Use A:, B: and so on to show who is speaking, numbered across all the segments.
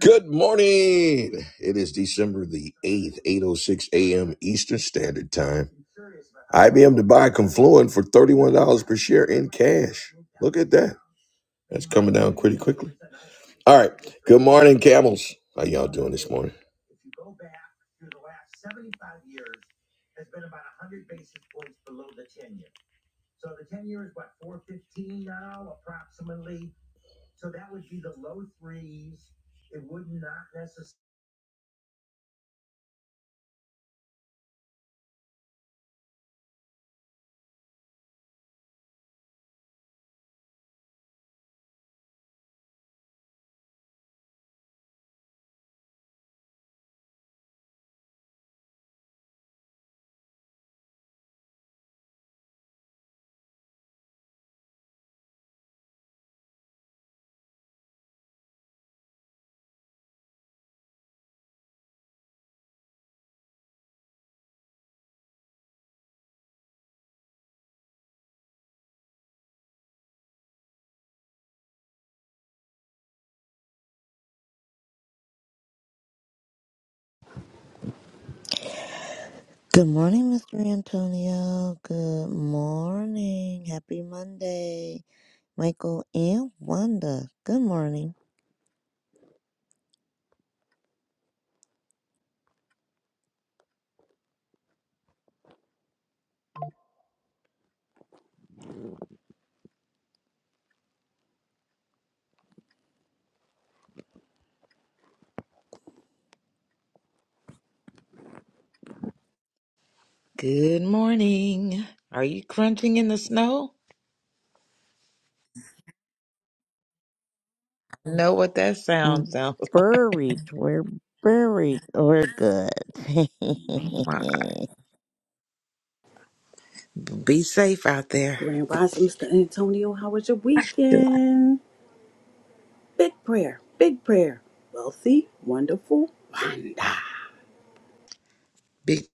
A: Good morning. It is December the 8th, 8.06 a.m. Eastern Standard Time. IBM to buy Confluent for $31 per share in cash. Look at that. That's coming down pretty quickly. All right. Good morning, camels. How y'all doing this morning?
B: Good morning, Mr. Antonio. Good morning. Happy Monday, Michael and Wanda. Good morning.
C: Good morning. Are you crunching in the snow? I know what that sound
B: Mm,
C: sounds
B: Buried. We're buried. We're good.
C: like. Be safe out there.
D: Grand Rising, Mr. Antonio, how was your weekend? Big prayer, big prayer. Wealthy, wonderful, wonderful.
C: Big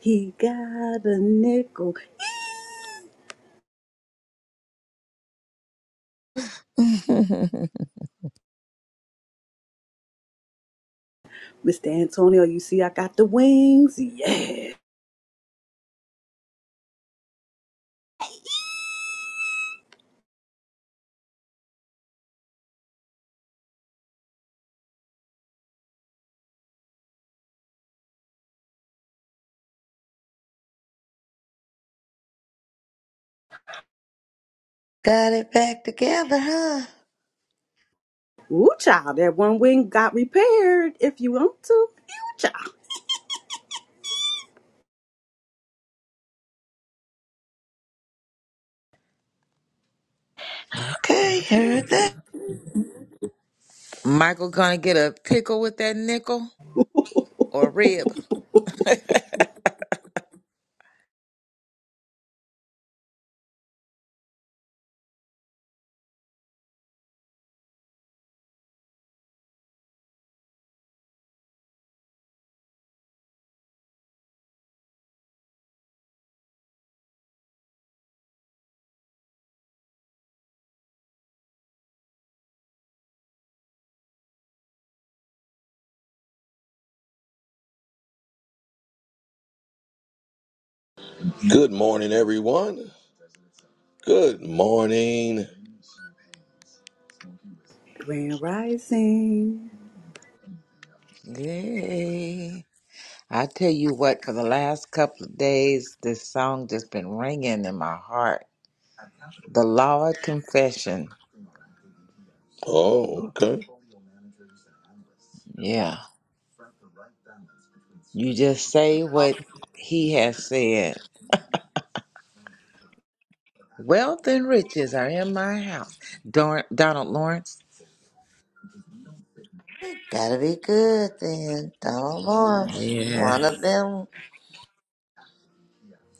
D: He got a nickel. Mr. Antonio, you see I got the wings? Yeah.
B: Got it back together, huh?
D: Ooh, child, that one wing got repaired if you want to. Ooh, child.
B: Okay, heard that.
C: Michael gonna get a pickle with that nickel or rib.
A: Good morning, everyone. Good morning.
D: Grand Rising.
C: Yay. I tell you what, for the last couple of days, this song just been ringing in my heart. The Lord Confession.
A: Oh, okay.
C: Yeah. You just say what he has said. Wealth and riches are in my house. Don Donald Lawrence.
B: Gotta be good then. Donald Lawrence.
C: Yeah.
B: One of them.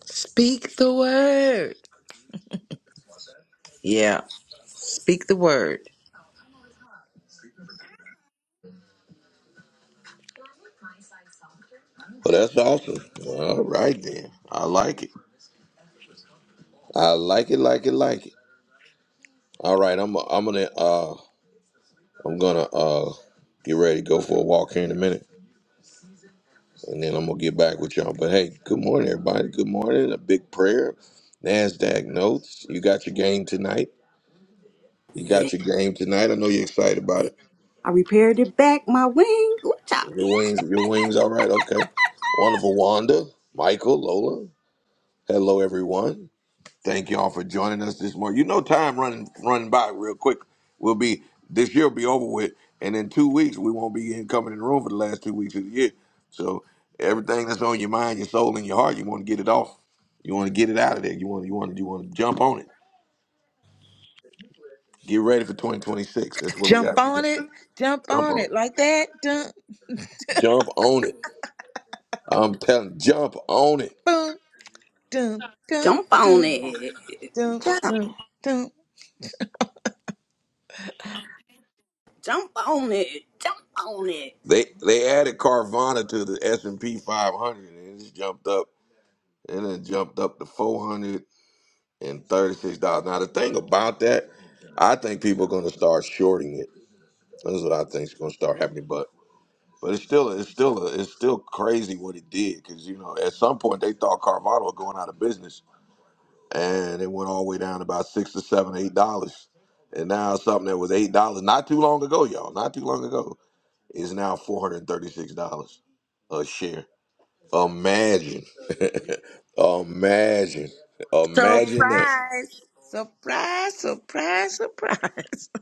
C: Speak the word. Yeah, speak the word.
A: Well, that's awesome. All right, then. I like it. I like it, like it, like it. All right, I'm I'm gonna uh I'm gonna uh get ready to go for a walk here in a minute, and then I'm gonna get back with y'all. But hey, good morning, everybody. Good morning. A big prayer. Nasdaq notes. You got your game tonight. You
D: Yeah.
A: got your game tonight. I know you're excited about it.
D: I repaired it back, my wing. Ooh, child.
A: Your wings. Your wings. All right. Okay. Wonderful, Wanda, Michael, Lola. Hello, everyone. Thank y'all for joining us this morning. You know, time running running by real quick. We'll be this year will be over with, and in two weeks we won't be in coming in the room for the last two weeks of the year. So everything that's on your mind, your soul, and your heart, you want to get it off. You want to get it out of there. You want you want you want to jump on it. Get ready for 2026. That's what we
C: Jump
A: got. to do.
C: on it. Jump
A: Jump
C: on
A: on
C: it
A: it.
C: like that. Dun,
A: Jump on it. I'm telling. Jump on it.
C: boom, dun, dun,
D: Jump on
C: dun,
D: it.
C: dun,
B: Jump.
C: dun, dun.
D: Jump on it. Jump on it.
A: They they added Carvana to the S and P 500, and it's jumped up. And then jumped up to 400. and thirty-six dollars. Now the thing about that, I think people are going to start shorting it. That's what I think is going to start happening. But but it's still it's still it's still crazy what it did because you know at some point they thought Carvana was going out of business, and it went all the way down to about six to seven eight dollars, and now something that was eight dollars not too long ago, y'all, not too long ago, is now four hundred thirty-six dollars a share. Imagine, imagine, imagine that.
C: Surprise. Surprise, surprise, surprise.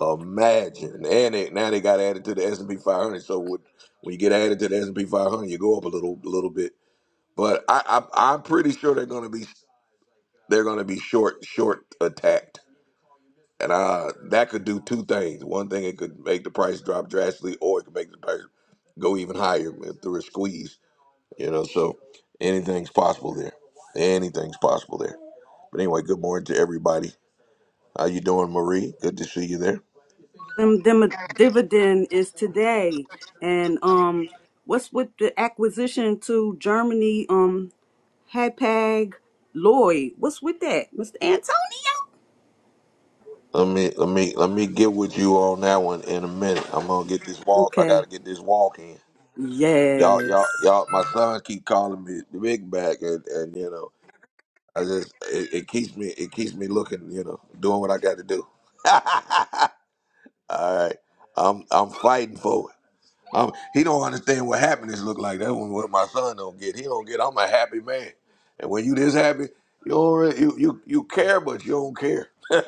A: Imagine, and they, now they got added to the S and P 500. So with, when you get added to the S and P 500, you go up a little, a little bit. But I, I, I'm pretty sure they're going to be they're going to be short, short attacked, and uh, that could do two things. One thing, it could make the price drop drastically, or it could make the price go even higher through a squeeze. You know, so anything's possible there. Anything's possible there. But anyway, good morning to everybody. How you doing, Marie? Good to see you there.
D: them, them dividend is today. And um, what's with the acquisition to Germany? Um, Hapag Lloyd. What's with that, Mr. Antonio?
A: Let me let me let me get with you on that one in a minute. I'm gonna get this walk. I gotta
D: Okay.
A: get this walk in.
D: Yes.
A: Y'all, y'all, y'all. My son keep calling me the big bag, and, and you know, I just it, it keeps me it keeps me looking, you know, doing what I got to do. All right, I'm I'm fighting for it. Um, he don't understand what happiness look like. That's what what my son don't get. He don't get. I'm a happy man, and when you this happy, you don't really, you, you you care, but you don't care.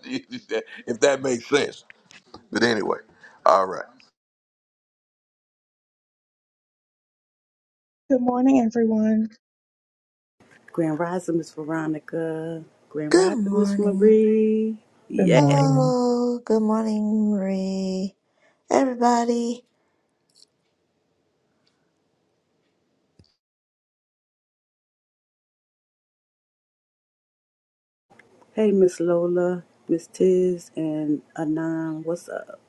A: if that makes sense. But anyway, all right.
E: Good morning, everyone.
D: Grand Rising, Miss Veronica. Grand
B: Good
D: Rising, Miss
B: morning.
D: Marie.
E: Good
D: Yeah.
E: morning.
B: Hello. Good morning, Marie. everybody.
D: Hey, Miss Lola, Miss Tiz, and Anon. What's up?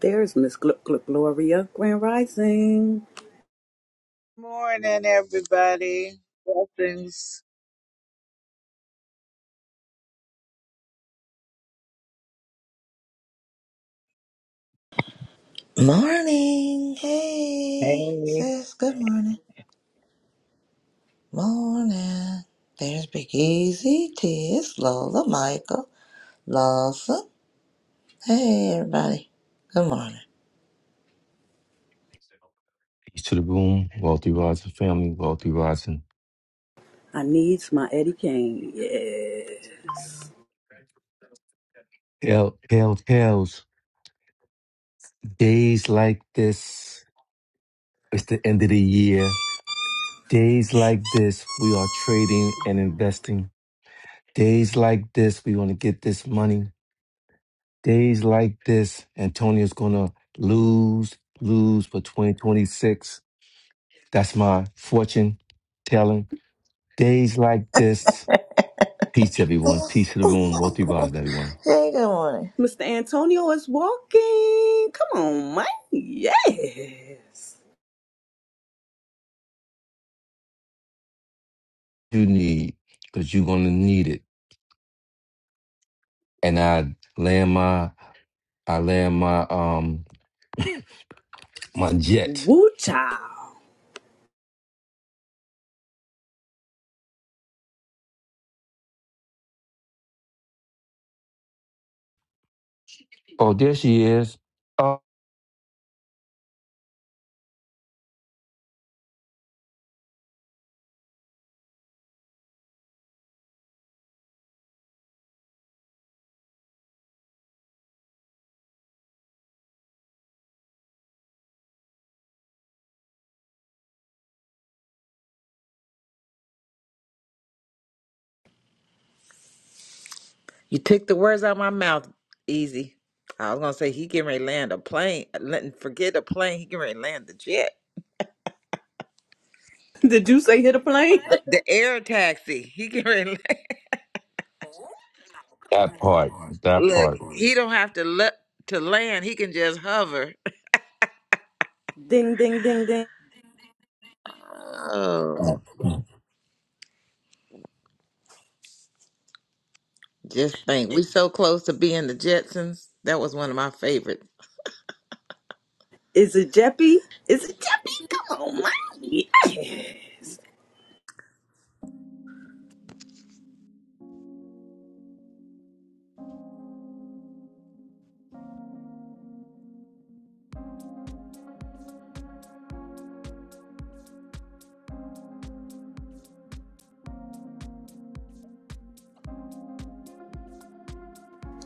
D: There's Miss Gl- Gl- Gloria. Grand Rising.
F: Morning, everybody. Blessings.
B: Morning.
F: Hey,
B: Hey, sis. Good morning. Morning. There's Big Easy, Tiz, Lola, Michael, Lawson. Hey, everybody. Good morning.
G: Boom, Watson.
D: I needs my Eddie Kane. Yes.
G: Hell, hell, hells. Days like this, it's the end of the year. Days like this, we are trading and investing. Days like this, we want to get this money. Days like this, Antonio's going to lose, lose for 2026. That's my fortune telling. Days like this, peace, everyone. Peace to the room. Wealthy rise, everyone.
B: Hey, good morning.
D: Mr. Antonio is walking. Come on, man. Yes.
G: You need, because you're going to need it. And I land my I land my um my jet.
D: Woo child.
G: Oh, there she is. Oh,
C: You took the words out of my mouth. Easy. I was gonna say he getting ready to land a plane. Let- Forget a plane. He getting ready to land the jet,
D: Did you say hit a plane?
C: the, the air taxi. He getting ready. To land.
G: that part. That part.
C: Look, he don't have to look to land. He can just hover.
D: ding, ding, ding, ding.
C: Oh, just think, we so close to being the Jetsons. That was one of my favorites.
D: Is it Jeppy? Is it Jeppy? Come on, man. Yes.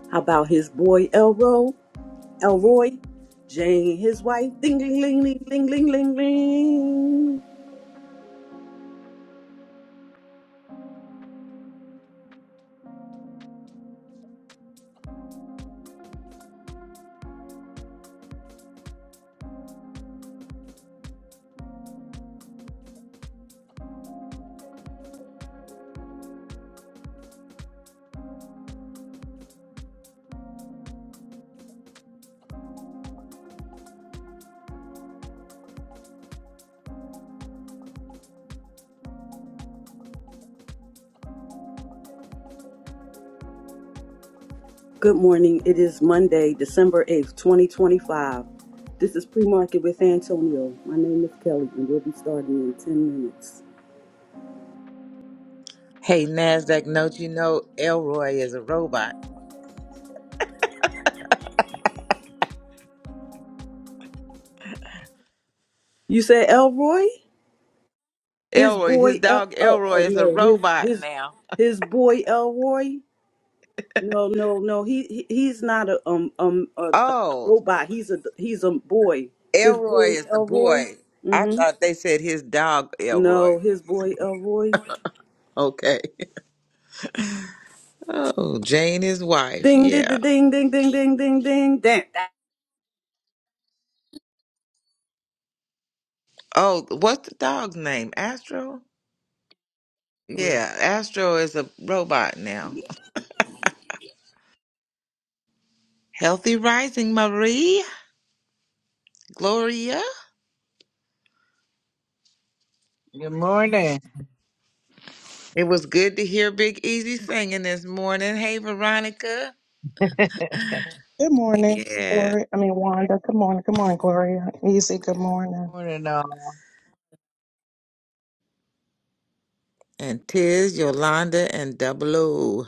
D: How about his boy Elroy? Elroy? Jane, his wife. Ding, ding, ding, ding, ding, ding, ding, ding. Good morning. It is Monday, December 8th, 2025. This is pre market with Antonio. My name is Kelly, and we'll be starting in 10 minutes.
C: Hey, Nasdaq, note you know Elroy is a robot.
D: You said Elroy? His
C: Elroy, his
D: boy, El-
C: dog
D: oh,
C: Elroy
D: oh
C: is a
D: no, his
C: robot
D: his
C: now.
D: his boy Elroy? No, no, no. He, he he's not a um um a, a
C: Oh,
D: robot. He's a he's a boy. His
C: Elroy
D: boy
C: is the
D: Elroy.
C: boy. I
D: hmm
C: thought they said his dog Elroy.
D: No, his boy Elroy.
C: Okay. Oh, Jane, his wife.
D: Ding ding
C: Yeah.
D: ding ding ding ding ding ding ding. ding.
C: Oh, what's the dog's name? Astro. Yeah, Astro is a robot now. Healthy rising, Marie. Gloria.
F: Good morning.
C: It was good to hear Big Easy singing this morning. Hey, Veronica.
E: Good morning,
C: Yeah.
E: Gloria. I mean, Wanda. Good morning. Good morning, Gloria. Easy. Good morning.
F: Morning, all.
C: And Tiz, Yolanda, and Double O.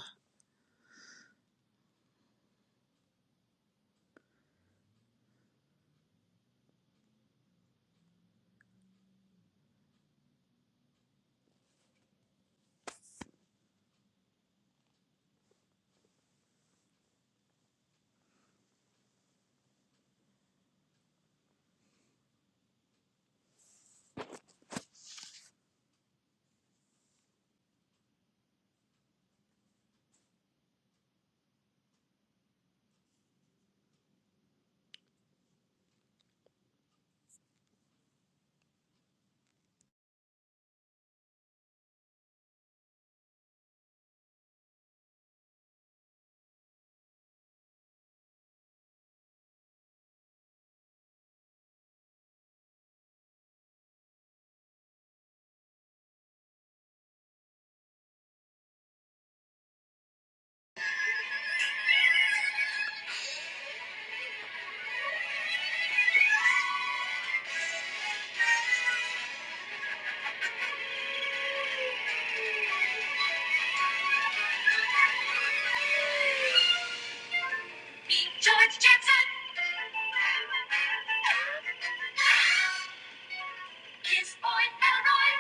D: Meet George Jetson. His boy Elroy.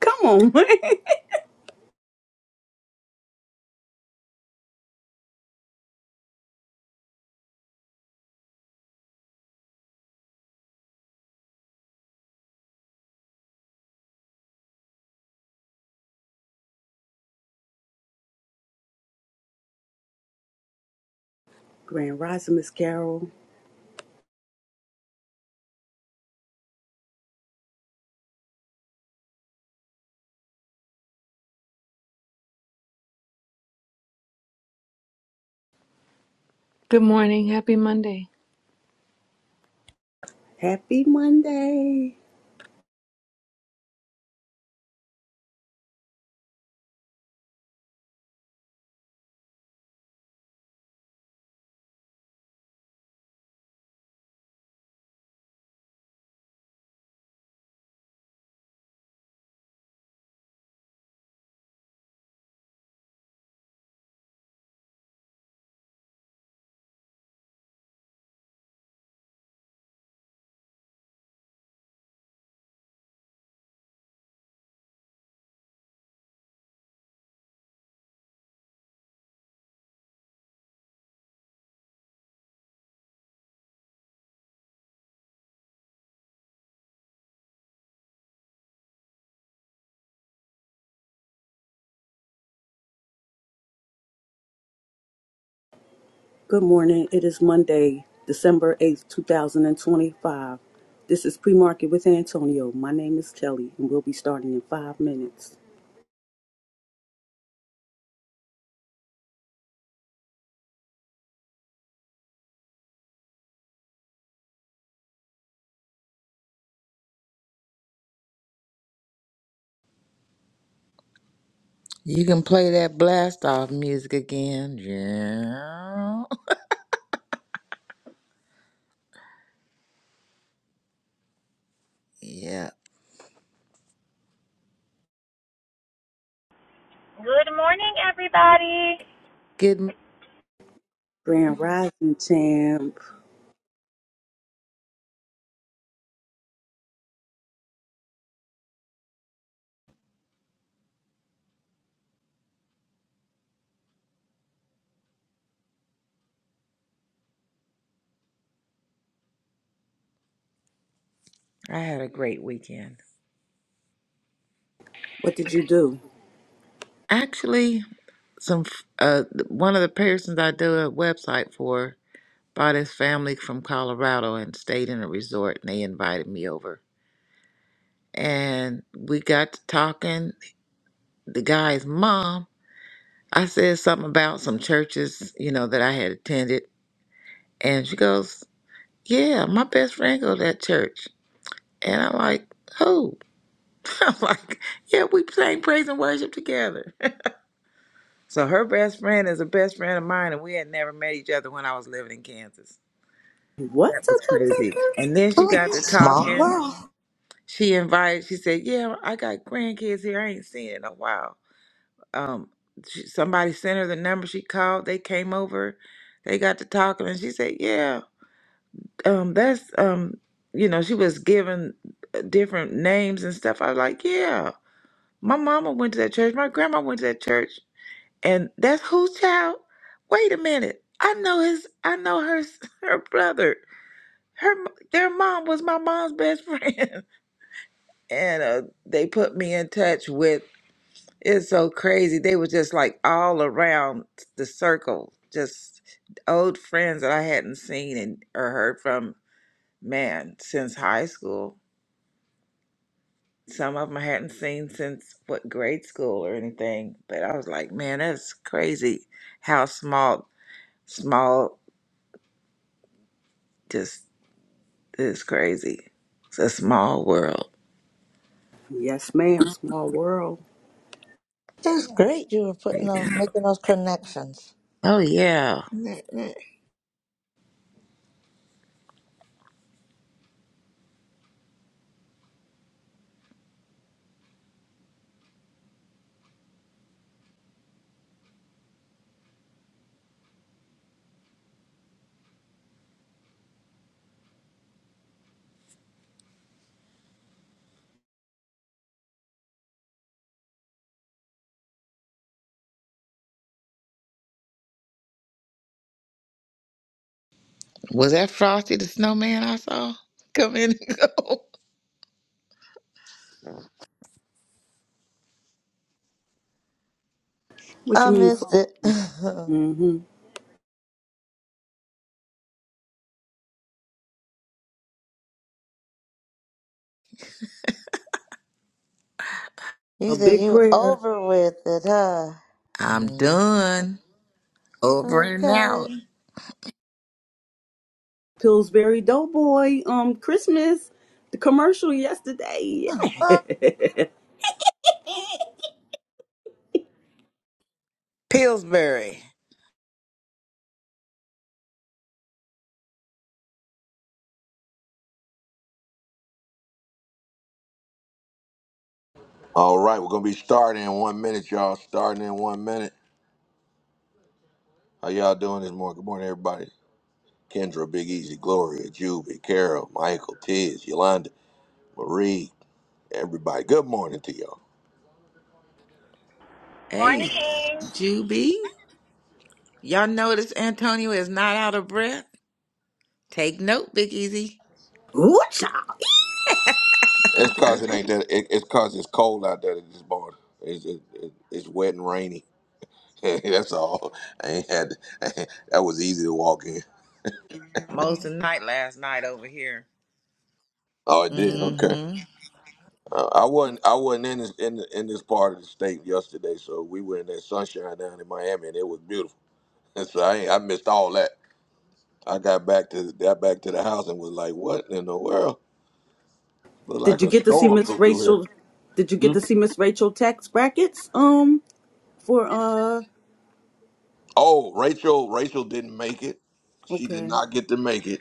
D: Come on, Grand Rising, Miss Carol.
H: Good morning. Happy Monday.
D: Happy Monday. Good morning. It is Monday, December 8th, 2025. This is Pre Market with Antonio. My name is Kelly, and we'll be starting in five minutes.
C: You can play that blast off music again. Yeah. Yeah.
I: Good morning, everybody.
C: Good.
D: Grand Rising Champ,
C: I had a great weekend.
D: what did you do?
C: Actually, some uh, one of the persons I do a website for brought his family from Colorado and stayed in a resort, and they invited me over. And we got to talking. The guy's mom I said something about some churches, you know, that I had attended. And she goes, Yeah, my best friend go to that church. And I'm like, Who? I'm like, Yeah, we sang praise and worship together. so her best friend is a best friend of mine, and we had never met each other when I was living in Kansas.
D: What?
C: That
D: Da,
C: was
D: da, da,
C: crazy.
D: da.
C: And then she
B: Ooh,
C: got to
B: Small
C: talking.
B: world.
C: She invited, she said, Yeah, I got grandkids here. I ain't seen in a while. um she, somebody sent her the number she called they came over they got to talking and she said yeah um that's um you know she was given uh, different names and stuff i was like yeah my mama went to that church my grandma went to that church and that's whose child wait a minute i know his i know her her brother her m- their mom was my mom's best friend and uh, they put me in touch with It's so crazy. They were just like all around the circle, just old friends that I hadn't seen and or heard from, man, since high school. Some of them I hadn't seen since what grade school or anything. But I was like, man, that's crazy how small, small, just is crazy. It's a small world.
D: Yes, ma'am. Small world.
B: It's great you were putting those,
C: Yeah.
B: making those connections.
C: Oh yeah.
B: I
C: Was that Frosty the Snowman I saw come in and go?
D: What you mean? For?
B: missed it.
D: mm hmm
B: you
D: A
B: said
D: big
B: you
D: prayer.
B: over with it, huh?
C: I'm
B: Mm.
C: done. Over and
B: Okay.
C: out.
D: Pillsbury Doughboy. Um, Christmas. The commercial yesterday.
C: Pillsbury.
A: All right, we're going to be starting in one minute, y'all. Starting in one minute. How y'all doing this morning? Good morning, everybody. Kendra, Big Easy, Gloria, Juby, Carol, Michael, Tiz, Yolanda, Marie, everybody. Good morning to y'all.
C: Hey,
I: Morning.
C: Juby. Y'all notice Antonio is not out of breath? Take note, Big Easy.
D: Ooh-cha.
A: It's cause it ain't that. It, it's cause it's cold out there this morning. It's it, it, it's wet and rainy. That's all. I ain't had. that was easy to walk in.
C: Most of the night last night over here.
A: Oh, it did. Okay.
C: Mm-hmm.
A: Uh, I wasn't I wasn't in this in, in this part of the state yesterday, so we were in that sunshine down in Miami, and it was beautiful. And so I ain't, I missed all that. I got back to got back to the house and was like, "What in the world? Look
D: Did
A: like
D: you
A: a
D: get to see
A: storm
D: Miss
A: blew through here."
D: Rachel? Did you get to
A: Hmm?
D: see Miss Rachel tax brackets? Um. For uh,
A: Oh, Rachel Rachel didn't make it. She did
D: okay.
A: not get to make it,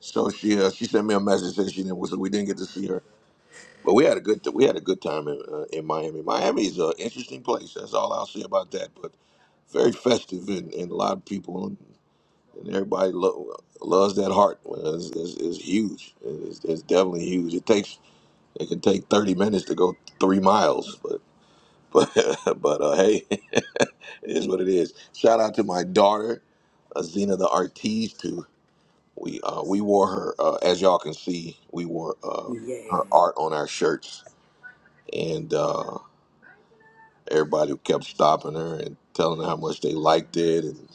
A: so she uh, she sent me a message saying she didn't. So we didn't get to see her, but we had a good we had a good time in uh, in Miami. Miami is an interesting place. That's all I'll say about that. But very festive and, and a lot of people. and everybody lo- loves that heart. Well, It's, it's, it's huge. It's, it's definitely huge. It takes it can take thirty minutes to go three miles, but but but uh, hey, it is what it is. Shout out to my daughter uh, Zena the Artiste. Too. We uh, we wore her uh, as y'all can see. We wore uh,
D: Yeah.
A: her art on our shirts, and uh, everybody kept stopping her and telling her how much they liked it,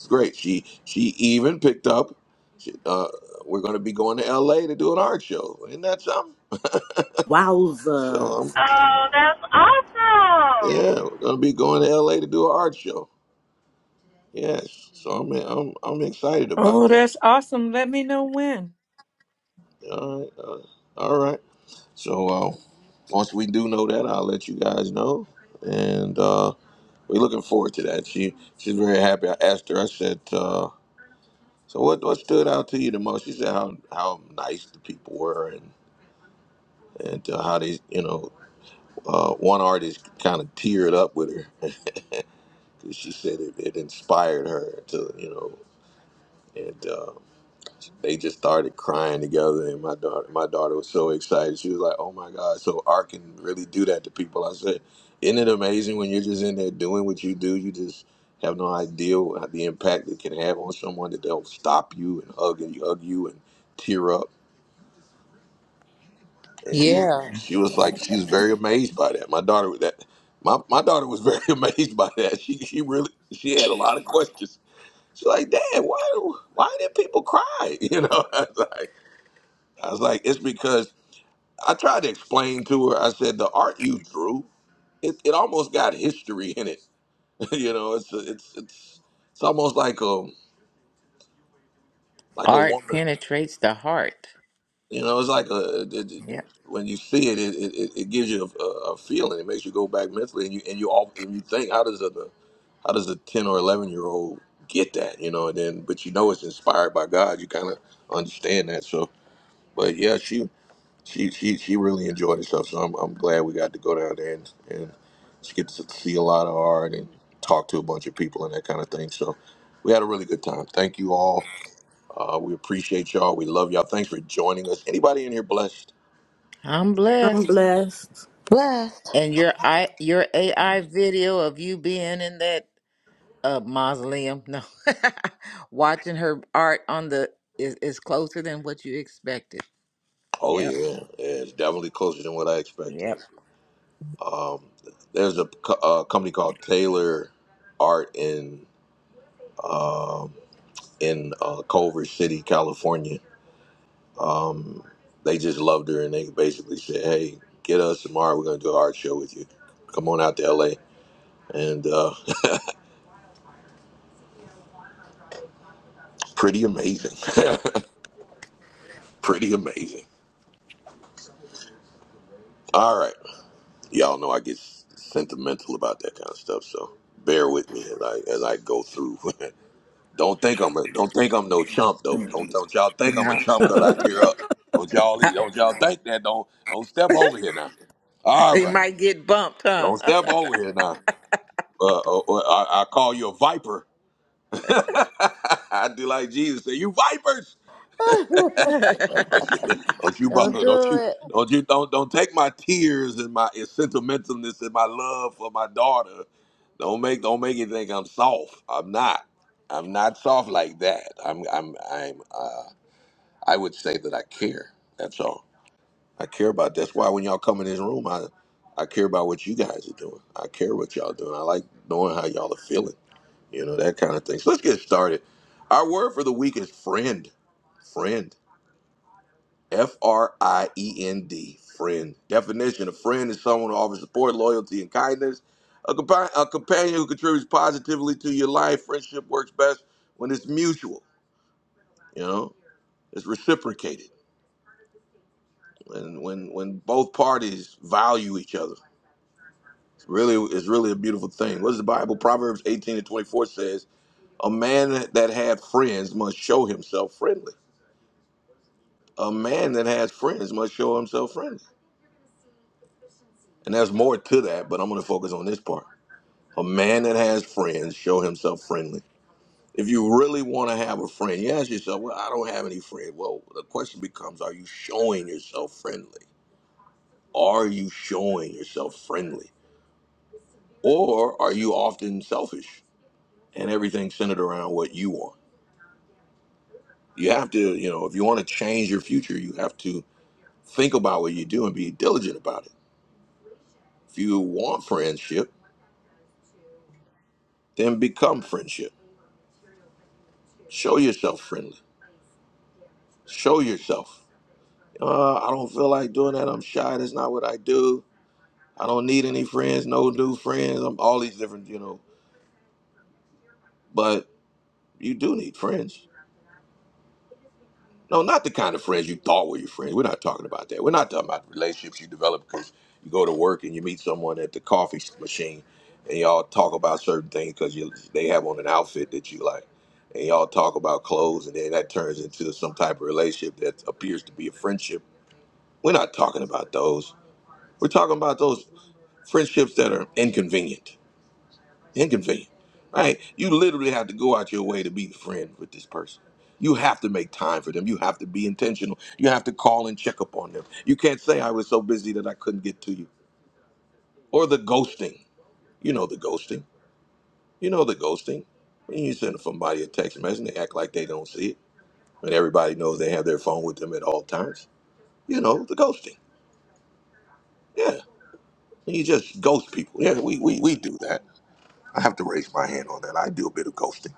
A: It's great. She she even picked up. She, uh, we're going to be going to L.A. to do an art show. Isn't that something? So
D: Wowza.
A: um,
I: Oh, that's awesome.
A: yeah, we're going to be going to L.A. to do an art show. Yes. So I'm I'm I'm excited about
H: Oh,
A: that.
H: that's awesome. Let me know when.
A: All right. Uh, all right. So uh, once we do know that, I'll let you guys know. And uh, we're looking forward to that. She she's very happy. I asked her. I said. Uh, so what, what stood out to you the most? She said how, how nice the people were and and uh, how they you know Uh, one artist kind of teared up with her because she said it, it inspired her to, you know, and uh, they just started crying together. And my daughter, my daughter was so excited. She was like, "Oh my God!" So art can really do that to people. I said, "Isn't it amazing when you're just in there doing what you do? You just have no idea what- the impact it can have on someone that they'll stop you and hug and hug you and tear up." and she
C: Yeah.
A: she was like she was very amazed by that. My daughter was that my, my daughter was very amazed by that. She she really she had a lot of questions. She's like, Dad, why do- why did people cry? You know, I was like I was like, it's because I tried to explain to her. I said the art you drew, it, it almost got history in it. you know, it's it's it's it's almost like a like a
C: Art
A: woman.
C: penetrates the heart.
A: You know, it's like a, it- it-
C: Yeah.
A: when you see it, it, it, it gives you a, a feeling. It makes you go back mentally, and you and you all and you think, how does a how does a ten or eleven year old get that? You know, and then but you know it's inspired by God. You kind of understand that. So, but yeah, she she she she really enjoyed herself. So I'm I'm glad we got to go down there and and she gets to see a lot of art and talk to a bunch of people and that kind of thing. So. We had a really good time. Thank you all. Uh, we appreciate y'all. We love y'all. Thanks for joining us. Anybody in here blessed?
C: I'm
D: I'm
C: blessed.
D: blessed.
B: Blessed.
C: And your I your AI video of you being in that uh mausoleum, no. Watching her art on the is, is closer than what you expected.
A: Oh
C: Yep.
A: yeah, yeah, it's definitely closer than what I expected.
C: Yep.
A: Um, there's a, co- uh company called Taylor Art in um, in uh, Culver City, California. Um, they just loved her, and they basically said, "Hey, get us tomorrow. We're gonna do an art show with you. Come on out to LA." And uh, pretty amazing, pretty amazing. All right, y'all know I get s- sentimental about that kind of stuff, so bear with me as I as I go through. Don't think I'm a, don't think I'm no chump though. Don't don't y'all think I'm a
C: No.
A: chump because I tear up. Don't y'all e- don't y'all think that. Don't don't step over here now. All
C: you
A: right.
C: might get bumped, huh?
A: Don't step over here now. Uh, uh, uh, I, I call you a viper. I do like Jesus. Say you vipers. Don't you don't you
B: Don't
A: bother- don't
B: do
A: you
B: it.
A: don't you don't don't take my tears and my sentimentalness and my love for my daughter. Don't make don't make you think I'm soft. I'm not. I'm not soft like that. I'm I'm I'm. uh, I would say that I care. That's all. I care about. That's why when y'all come in this room, I I care about what you guys are doing. I care what y'all doing. I like knowing how y'all are feeling. You know that kind of thing. So let's get started. Our word for the week is friend. Friend. F R I E N D. Friend. Definition: A friend is someone who offers support, loyalty, and kindness. A, compa- a companion who contributes positively to your life. Friendship works best when it's mutual. You know, it's reciprocated And when when both parties value each other. It's really it's really a beautiful thing. What does the Bible? Proverbs 18 and 24 says, A man that had friends must show himself friendly. A man that has friends must show himself friendly. And there's more to that, but I'm gonna focus on this part. A man that has friends show himself friendly. If you really want to have a friend, you ask yourself, Well, I don't have any friends. Well, the question becomes, are you showing yourself friendly? Are you showing yourself friendly? Or are you often selfish and everything centered around what you want? You have to, you know, if you want to change your future, you have to think about what you do and be diligent about it. If you want friendship, then become friendship. Show yourself friendly. Show yourself. Uh, I don't feel like doing that. I'm shy. That's not what I do. I don't need any friends. No new friends. I'm all these different, you know. But you do need friends No, not the kind of friends you thought were your friends. We're not talking about that. We're not talking about relationships you develop because you go to work and you meet someone at the coffee machine and y'all talk about certain things because they have on an outfit that you like. And y'all talk about clothes and then that turns into some type of relationship that appears to be a friendship. We're not talking about those. We're talking about those friendships that are inconvenient Inconvenient. Right? You literally have to go out your way to be the friend with this person. You have to make time for them. You have to be intentional. You have to call and check up on them. You can't say I was so busy that I couldn't get to you. Or the ghosting. You know the ghosting. You know the ghosting. When you send somebody a text message and they act like they don't see it. When everybody knows they have their phone with them at all times. You know, the ghosting. Yeah. You just ghost people. Yeah, we, we, we do that. I have to raise my hand on that. I do a bit of ghosting.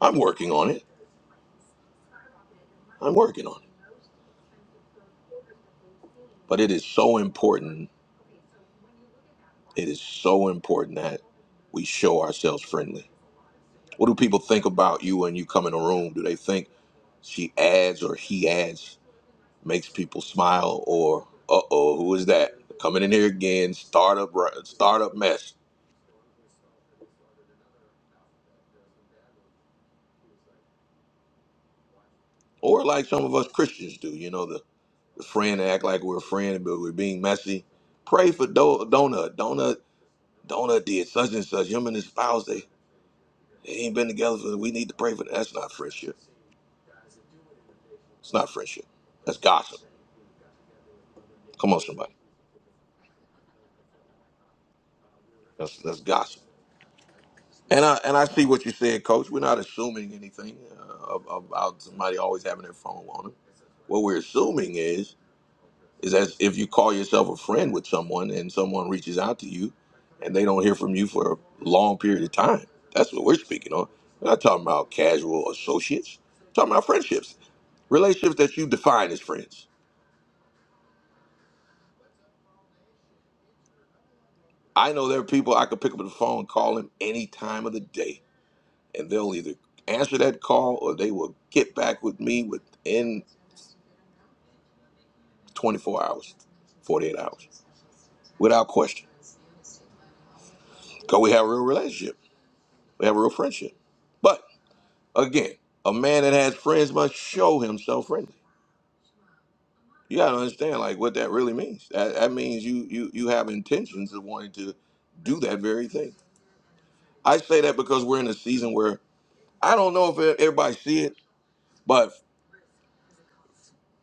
A: I'm working on it. I'm working on it. But it is so important. It is so important that we show ourselves friendly. What do people think about you when you come in a room? Do they think she adds or he adds, makes people smile, or uh oh, who is that coming in here again? Startup, startup mess, or like some of us Christians do. You know, the, the friend act like we're a friend, but we're being messy. Pray for Do- Donut. Donut. Donut did such and such. Him and his spouse, they, they ain't been together for. We need to pray for. that. That's not friendship It's not friendship. That's gossip. Come on, somebody. That's that's gossip. And I and I see what you said, Coach. We're not assuming anything uh, ab- about somebody always having their phone on them. What we're assuming is is as if you call yourself a friend with someone and someone reaches out to you, and they don't hear from you for a long period of time. That's what we're speaking on. We're not talking about casual associates. We're talking about friendships, relationships that you define as friends. I know there are people I could pick up the phone and call them any time of the day and they'll either answer that call or they will get back with me within 24 hours, 48 hours, without question. Because we have a real relationship, we have a real friendship. But again, a man that has friends must show himself friendly. You gotta understand like what that really means. That, that means you you you have intentions of wanting to do that very thing. I say that because we're in a season where I don't know if e-, everybody see it, but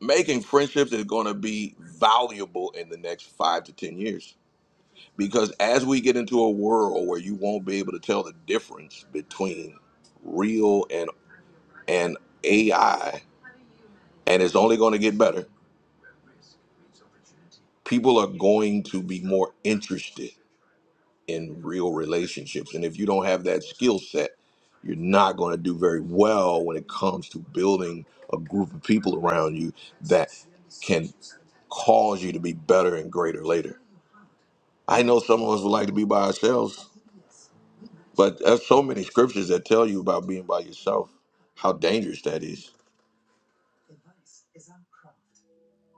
A: making friendships is going to be valuable in the next five to ten years because as we get into a world where you won't be able to tell the difference between real and and AI and it's only going to get better people are going to be more interested in real relationships and if you don't have that skill set you're not going to do very well when it comes to building a group of people around you that can cause you to be better and greater later i know some of us would like to be by ourselves But there's so many scriptures that tell you about being by yourself, how dangerous that is.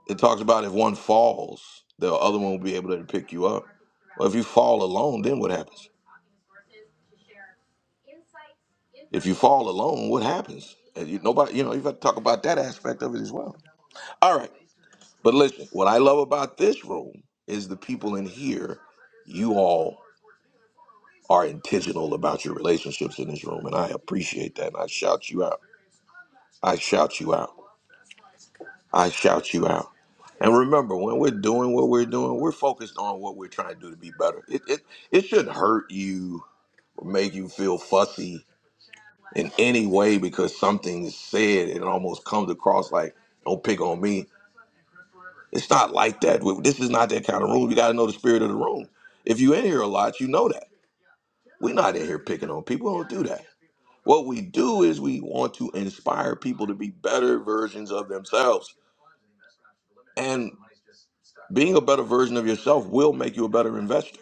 A: It talks about if one falls, the other one will be able to pick you up. Well, if you fall alone, then what happens? If you fall alone, what happens? And you, nobody, you know, you've got to talk about that aspect of it as well. All right, but listen, what I love about this room is the people in here. You all are intentional about your relationships in this room, and I appreciate that. And I shout you out. I shout you out. I shout you out. And remember, when we're doing what we're doing, we're focused on what we're trying to do to be better. It it, it shouldn't hurt you or make you feel fussy in any way because something is said. It almost comes across like, don't pick on me. It's not like that. We- This is not that kind of room. You got to know the spirit of the room. If you in here a lot, you know that. We're not in here picking on people. We don't do that. What we do is we want to inspire people to be better versions of themselves. Being a better version of yourself will make you a better investor.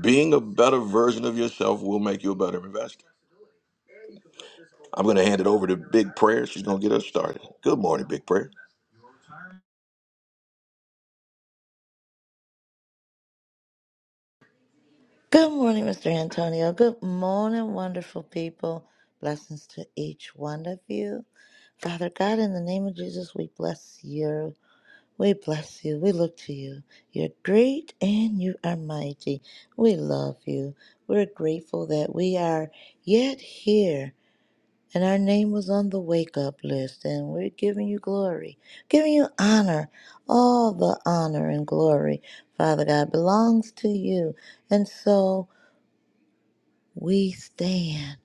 A: Being a better version of yourself will make you a better investor. I'm going to hand it over to Big Prayer. She's going to get us started. Good morning, Big Prayer.
B: Good morning, Mr. Antonio. Good morning, wonderful people. Blessings to each one of you. Father God, in the name of Jesus, we bless you. We bless you. We look to you. You're great and you are mighty. We love you. We're grateful that we are yet here And our name was on the wake up list, and we're giving you glory, giving you honor. All the honor and glory, Father God, belongs to you. And so. We stand.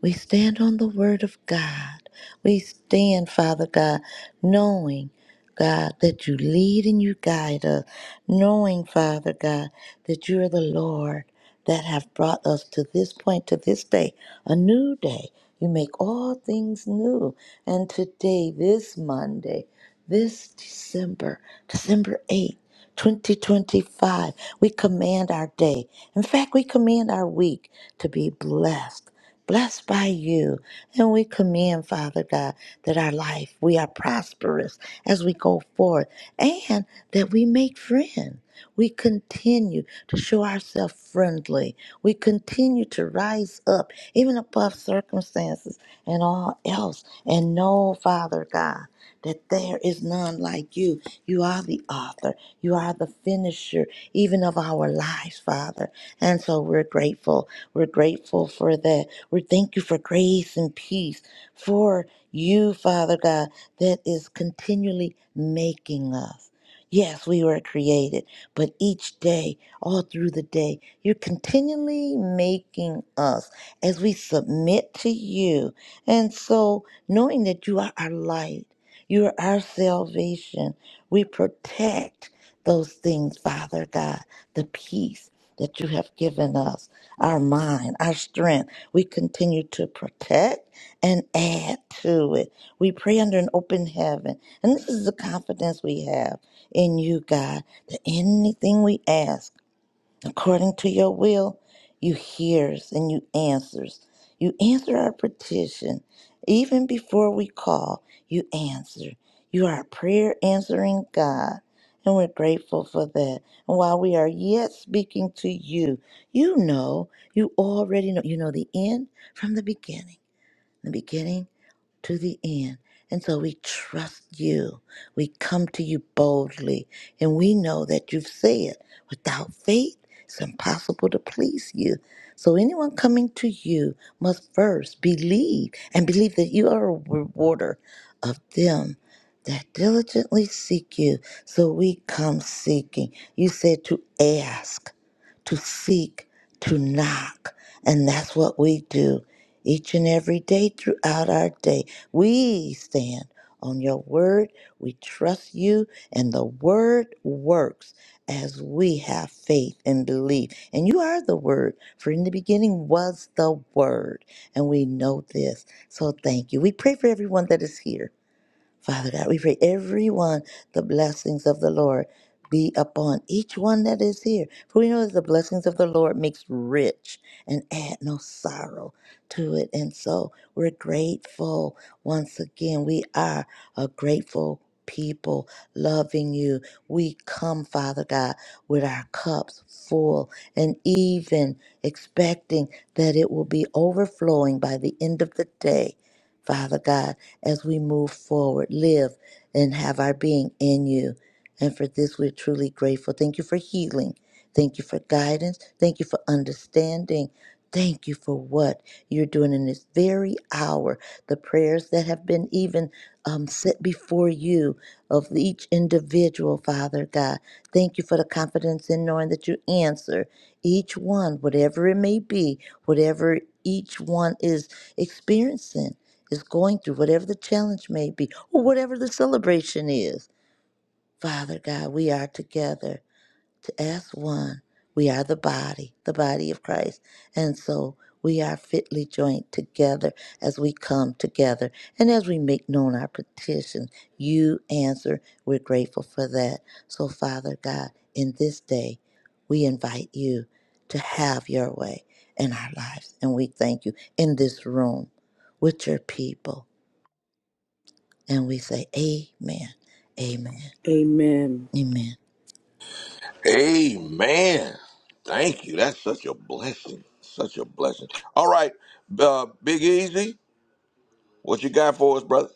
B: We stand on the word of God. We stand, Father God, knowing, God, that you lead and you guide us, knowing, Father God, that you are the Lord that have brought us to this point, to this day, a new day. You make all things new. And today, this Monday, this December, December 8th, 2025, we command our day. In fact, we command our week to be blessed, blessed by you. And we command, Father God, that our life, we are prosperous as we go forward and that we make friends. We continue to show ourselves friendly. We continue to rise up, even above circumstances and all else. And know, Father God that there is none like you. You are the author, you are the finisher, even of our lives, Father. And so we're grateful. We're grateful for that. We thank you for grace and peace for you, Father God, that is continually making us. Yes, we were created, but each day, all through the day, you're continually making us as we submit to you. And so, knowing that you are our light you're our salvation. We protect those things, Father God, the peace that you have given us, our mind, our strength. We continue to protect and add to it. We pray under an open heaven. And this is the confidence we have in you, God, that anything we ask, according to your will, you hears and you answers. You answer our petition. Even before we call, you answer. You are a prayer answering God. And we're grateful for that. And while we are yet speaking to you, you know, you already know, you know the end from the beginning, the beginning to the end. And so we trust you. We come to you boldly, and we know that you've said, without faith, it's impossible to please you. So anyone coming to you must first believe and believe that you are a rewarder of them that diligently seek you. So we come seeking. You said to ask to seek, to knock. And that's what we do each and every day throughout our day. We stand on your word. We trust you, and the word works as we have faith and belief. And you are the word, for in the beginning was the word. And we know this. So thank you. We pray for everyone that is here Father God, we pray everyone the blessings of the Lord be upon each one that is here. For we know that the blessings of the Lord makes rich and add no sorrow to it. And so we're grateful once again. We are a grateful people loving you. We come, Father God, with our cups full and even expecting that it will be overflowing by the end of the day. Father God as we move forward, live and have our being in you. And for this, we're truly grateful. Thank you for healing. Thank you for guidance. Thank you for understanding. Thank you for what you're doing in this very hour. The prayers that have been even um, set before you of each individual, Father God. Thank you for the confidence in knowing that you answer each one, whatever it may be, whatever each one is experiencing is going through, whatever the challenge may be, or whatever the celebration is. Father God, we are together to ask one. We are the body, the body of Christ. And so we are fitly joined together as we come together and as we make known our petition. You answer. We're grateful for that. So, Father God, in this day, we invite you to have your way in our lives. And we thank you in this room with your people and we say, Amen, Amen,
D: Amen.
B: Amen.
A: Amen. Thank you. That's such a blessing. Such a blessing. All right, uh, Big Easy, what you got for us, brother?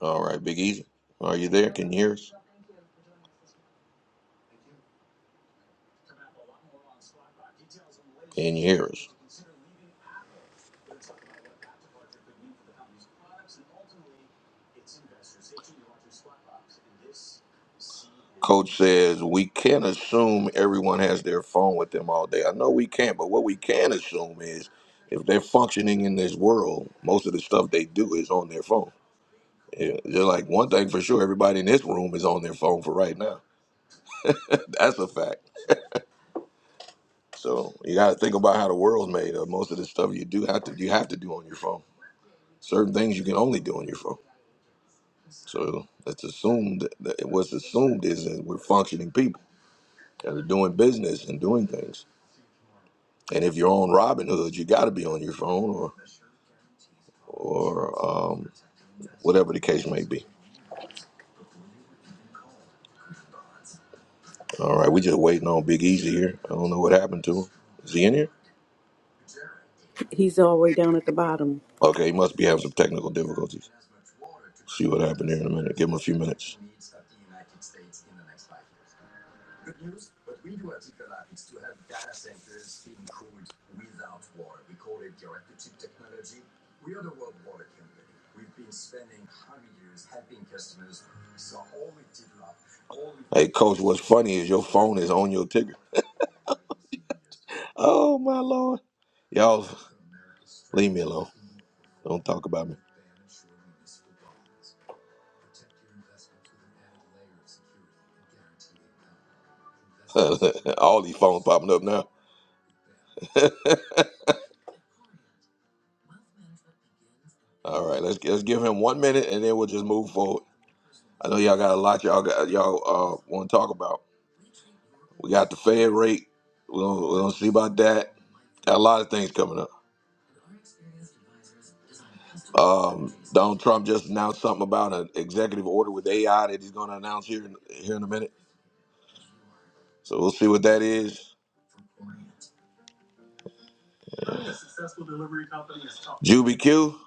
A: All right, Big Easy. Are you there? Can you hear us? Can you hear us? Coach says we can't assume everyone has their phone with them all day. I know we can't, but what we can assume is if they're functioning in this world, most of the stuff they do is on their phone. Yeah, They're like one thing for sure, everybody in this room is on their phone for right now. That's a fact. So you got to think about how the world's made up. Most of the stuff you do have to you have to do on your phone. Certain things you can only do on your phone. So it's assumed that what's assumed is that we're functioning people that are doing business and doing things. And if you're on Robinhood, you got to be on your phone or or um, whatever the case may be. All right, we just waiting on Big Easy here. I don't know what happened to him. Is he in here?
D: He's all the way down at the bottom.
A: Okay, he must be having some technical difficulties. See what happened here in a minute. Give him a few minutes. Hey, Coach, what's funny is your phone is on your ticker. Oh my lord, y'all, leave me alone. Don't talk about me. All these phones popping up now. All right, let's let's give him one minute and then we'll just move forward. I know y'all got a lot y'all got y'all uh want to talk about. We got the Fed rate. We're gonna, we're gonna see about that. Got a lot of things coming up. Um, Donald Trump just announced something about an executive order with AI that he's gonna announce here in, here in a minute. So we'll see what that is. Juby Q,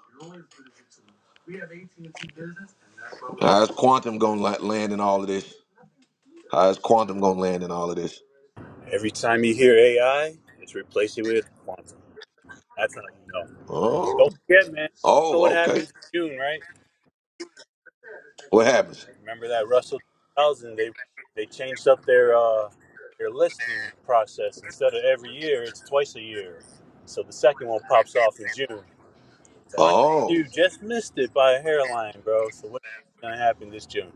A: how's quantum gonna land in all of this? How's quantum gonna land in all of this?
J: Every time you hear AI, it's replace it with quantum. That's how you know.
A: Oh,
J: Don't forget, man. You know what
A: oh, okay.
J: happens in June, right?
A: What happens?
J: Remember that Russell 2000? They they changed up their uh, their listing process. Instead of every year, it's twice a year. So the second one pops off in June. So I
A: Oh,
J: you just missed it by a hairline, bro. So what's gonna happen this June?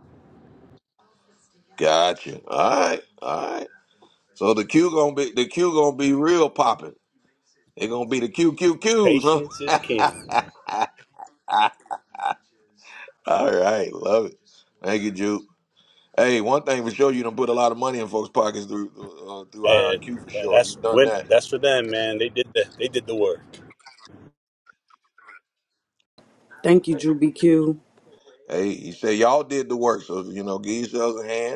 A: gotcha. All right, all right. So the Q gonna be the Q gonna be real popping. It gonna be the Q Q Qs,
J: Patience is
A: huh?
J: king,
A: all right, love it. Thank you, Juke. Hey, one thing for sure, you done put a lot of money in folks' pockets through uh, through
J: and
A: IRQ for
J: uh,
A: sure.
J: that's
A: You've done
J: when
A: that.
J: that's for them, man. They did the they did the work.
D: Thank you, Drew BQ.
A: Hey, you say y'all did the work, so you know, give yourselves a hand.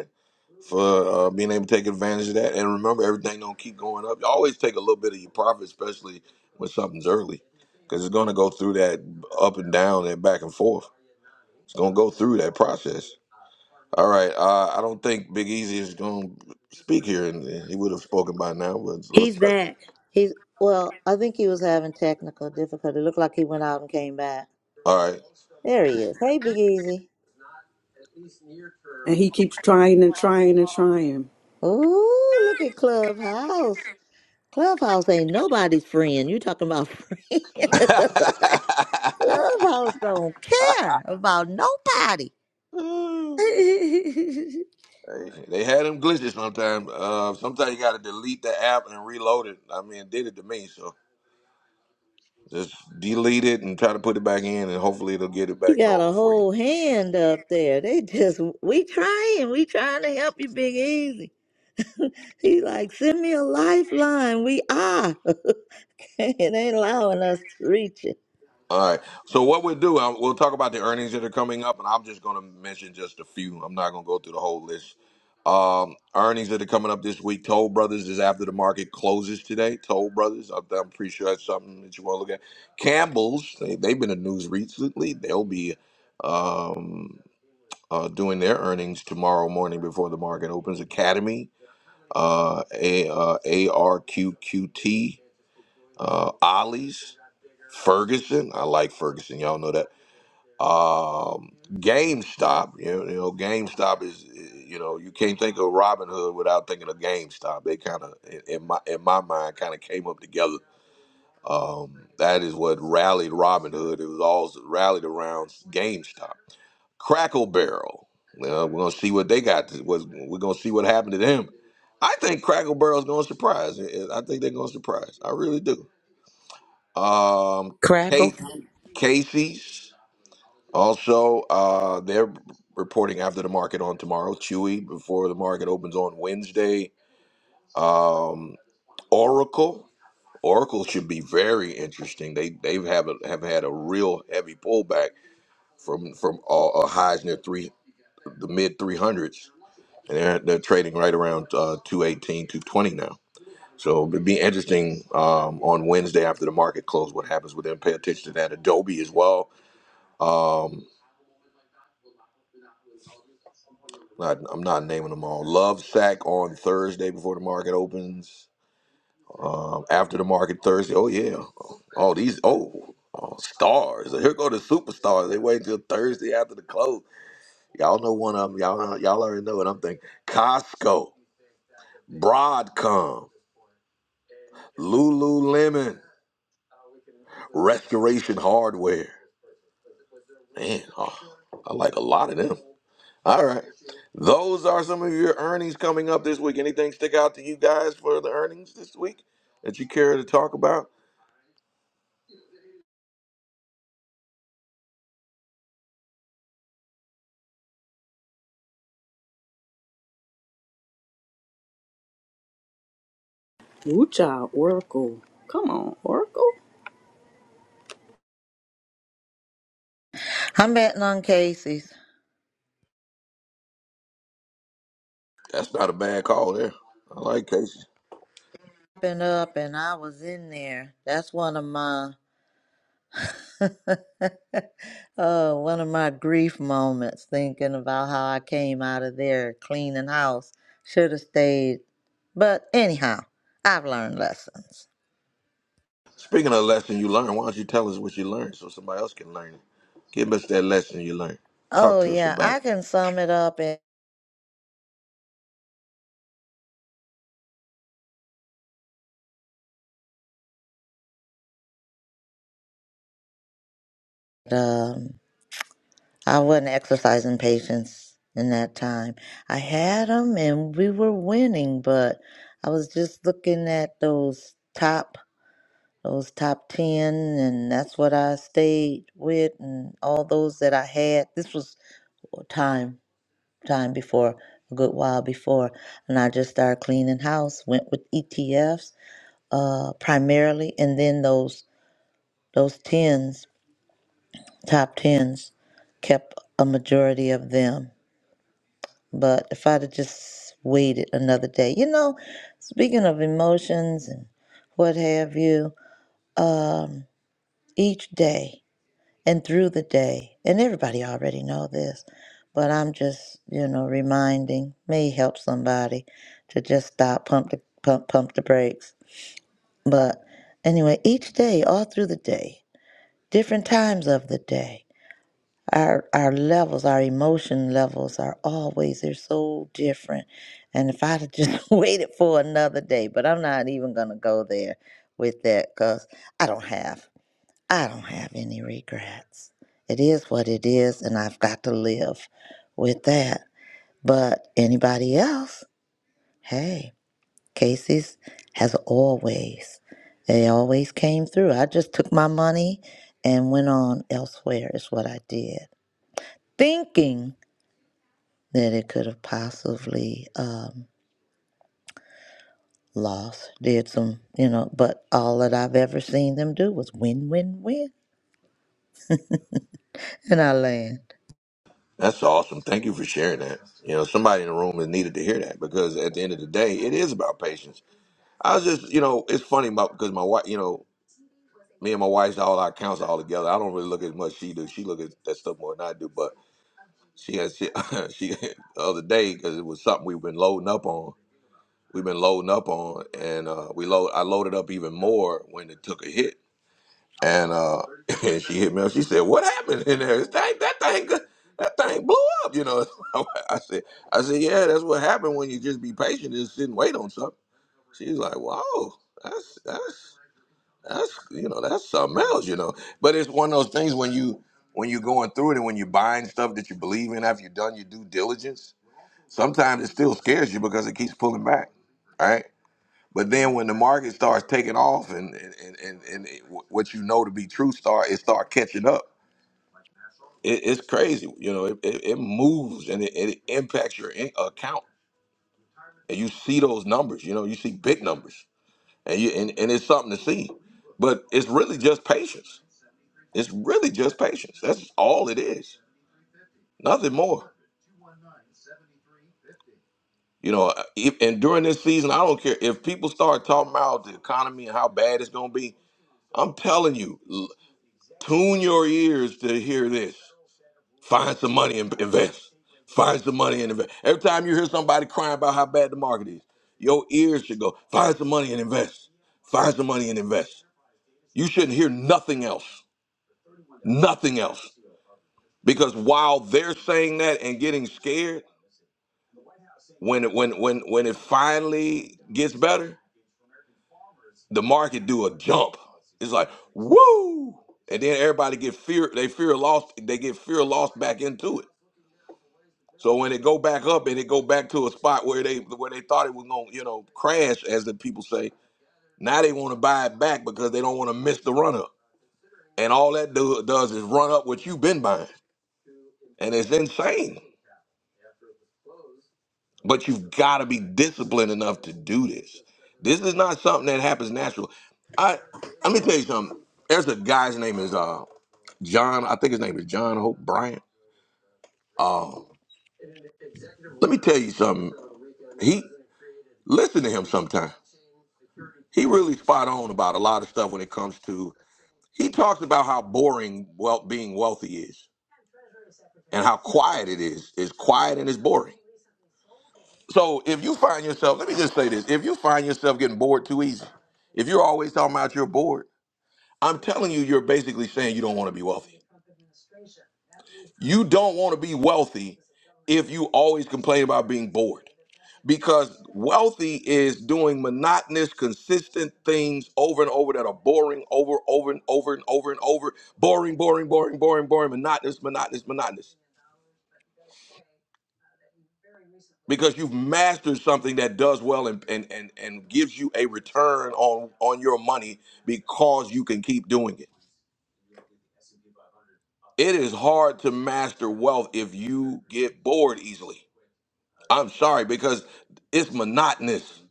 A: for uh, being able to take advantage of that. And remember, everything don't keep going up. You always take a little bit of your profit, especially when something's early, because it's going to go through that up and down and back and forth. It's going to go through that process. All right, uh, I don't think Big Easy is going to speak here, and he would have spoken by now. But let's
B: He's
A: start.
B: back. He's well. I think he was having technical difficulty. It Looked like he went out and came back.
A: All right.
B: There he is. Hey, Big Easy.
D: And he keeps trying and trying and trying.
B: Ooh, look at Clubhouse. Clubhouse ain't nobody's friend. You talking about friend? Clubhouse don't care about nobody. you
A: Hey, they had them glitches sometimes. Uh, sometimes you got to delete the app and reload it. I mean, it did it to me. so. Just delete it and try to put it back in, and hopefully it'll get it back
B: got a
A: normal for you.
B: whole hand up there. They just we trying, we trying to help you, Big Easy. He like, send me a lifeline. We are. it ain't allowing us to reach it.
A: All right. So what we'll do, I- we'll talk about the earnings that are coming up, and I'm just going to mention just a few. I'm not going to go through the whole list. Um, earnings that are coming up this week. Toll Brothers is after the market closes today. Toll Brothers, I'm, I'm pretty sure that's something that you want to look at. Campbell's, they, they've been in the news recently. They'll be um, uh, doing their earnings tomorrow morning before the market opens. Academy, uh, A, uh, ARQQT, uh, Ollie's, Ferguson. I like Ferguson. Y'all know that. Um, GameStop. You know, you know, GameStop is. You know, you can't think of Robin Hood without thinking of GameStop. They kind of, in in my in my mind, kind of came up together. Um, that is what rallied Robin Hood. It was all rallied around GameStop. Crackle Barrel. Well, we're gonna see what they got. to- What we're gonna see what happened to them. I think Crackle Barrel's gonna surprise. eh, eh, I think they're gonna surprise. I really do. Um,
C: Crackle.
A: Kate Casey's also uh, they're reporting after the market on tomorrow. Chewy before the market opens on Wednesday. Um, Oracle. Oracle should be very interesting. They they have a, have had a real heavy pullback from from uh, uh, highs near three the mid three hundreds. and they're, they're trading right around uh, 218 now so it'd be interesting um, on wednesday after the market close what happens with them pay attention to that adobe as well um, not, i'm not naming them all love sack on thursday before the market opens um, after the market thursday oh yeah all these oh Oh, stars! Here go the superstars. They wait until Thursday after the close. Y'all know one of them. Y'all, y'all already know what I'm thinking. Costco, Broadcom, Lululemon. Restoration Hardware. Man, oh, I like a lot of them. All right. Those are some of your earnings coming up this week. Anything stick out to you guys for the earnings this week that you care to talk about?
D: Woo child, Oracle. Come on, Oracle.
B: I'm betting on Casey's.
A: That's not a bad call there. I like Casey.
B: Been up and I was in there. That's one of my oh, one of my grief moments thinking about how I came out of there cleaning house. Should have stayed. But anyhow, I've learned lessons.
A: Speaking of lesson you learned, why don't you tell us what you learned so somebody else can learn it? Give us that lesson you learned. Talk
B: Oh
A: to us
B: yeah,
A: about
B: I
A: it.
B: can sum it up in um I wasn't exercising patience in that time. I had them and we were winning, but I was just looking at those top, those top 10, and that's what I stayed with and all those that I had. This was time, time before, a good while before. And I just started cleaning house, went with ETFs, uh, primarily, and then those, those 10s, top 10s, kept a majority of them But if I'd have just waited another day, you know, speaking of emotions and what have you, um, each day and through the day, and everybody already know this, but I'm just, you know, reminding may help somebody to just stop, pump the pump, pump the brakes. But anyway, each day, all through the day, different times of the day our our levels, our emotion levels are always they're so different. And if I'd have just waited for another day, but I'm not even gonna go there with that because I don't have I don't have any regrets. It is what it is, and I've got to live with that. But anybody else, hey, Casey's has always they always came through. I just took my money and went on elsewhere is what I did. Thinking that it could have possibly um, lost. Did some, you know, but all that I've ever seen them do was win, win, win and I land.
A: That's awesome. Thank you for sharing that. You know, somebody in the room has needed to hear that because at the end of the day, it is about patience. I was just, you know, it's funny about because my wife, you know, me and my wife's all our accounts are all together. I don't really look as much she do. She look at that stuff more than I do. But she has she, she the other day because it was something we've been loading up on. We've been loading up on, and uh, we load. I loaded up even more when it took a hit, and uh, and she hit me up. She said, "What happened in there? That thing, that thing, that thing blew up." You know, I said, I said, "Yeah, that's what happened when you just be patient and sit and wait on something." She's like, "Wow, that's that's." that's you know that's something else you know but it's one of those things when you when you're going through it and when you're buying stuff that you believe in after you've done your due diligence sometimes it still scares you because it keeps pulling back right but then when the market starts taking off and and and, and it, what you know to be true start it start catching up it, it's crazy you know it, it, it moves and it, it impacts your in- account and you see those numbers you know you see big numbers and you and, and it's something to see but it's really just patience It's really just patience. That's all it is. Nothing more. You know, if, and during this season, I don't care if people start talking about the economy and how bad it's going to be. I'm telling you, l- tune your ears to hear this. Find some money and invest. Find some money and invest. Every time you hear somebody crying about how bad the market is, your ears should go, find some money and invest. Find some money and invest. You shouldn't hear nothing else. Nothing else. Because while they're saying that and getting scared, When it when when when it finally gets better, the market do a jump. It's like woo, and then everybody get fear. They fear lost. They get fear lost back into it. So when it go back up and it go back to a spot where they where they thought it was gonna you know crash, as the people say, now they want to buy it back because they don't want to miss the run up. And all that do, does is run up what you've been buying, and it's insane. but you've got to be disciplined enough to do this. This is not something that happens natural. I let me tell you something. There's a guy's name is uh John. I think his name is John Hope Bryant. Um, let me tell you something. He listen to him sometime. He really spot on about a lot of stuff when it comes to. He talks about how boring well being wealthy is and how quiet it is. It's quiet and it's boring. So if you find yourself, let me just say this: if you find yourself getting bored too easy, if you're always talking about you're bored, I'm telling you, you're basically saying you don't want to be wealthy. You don't want to be wealthy if you always complain about being bored. Because wealthy is doing monotonous, consistent things over and over that are boring, over, over and over and over and over, boring, boring, boring, boring, boring, monotonous, monotonous, monotonous. because you've mastered something that does well and and and, and gives you a return on on your money because you can keep doing it it is hard to master wealth if you get bored easily i'm sorry because it's monotonous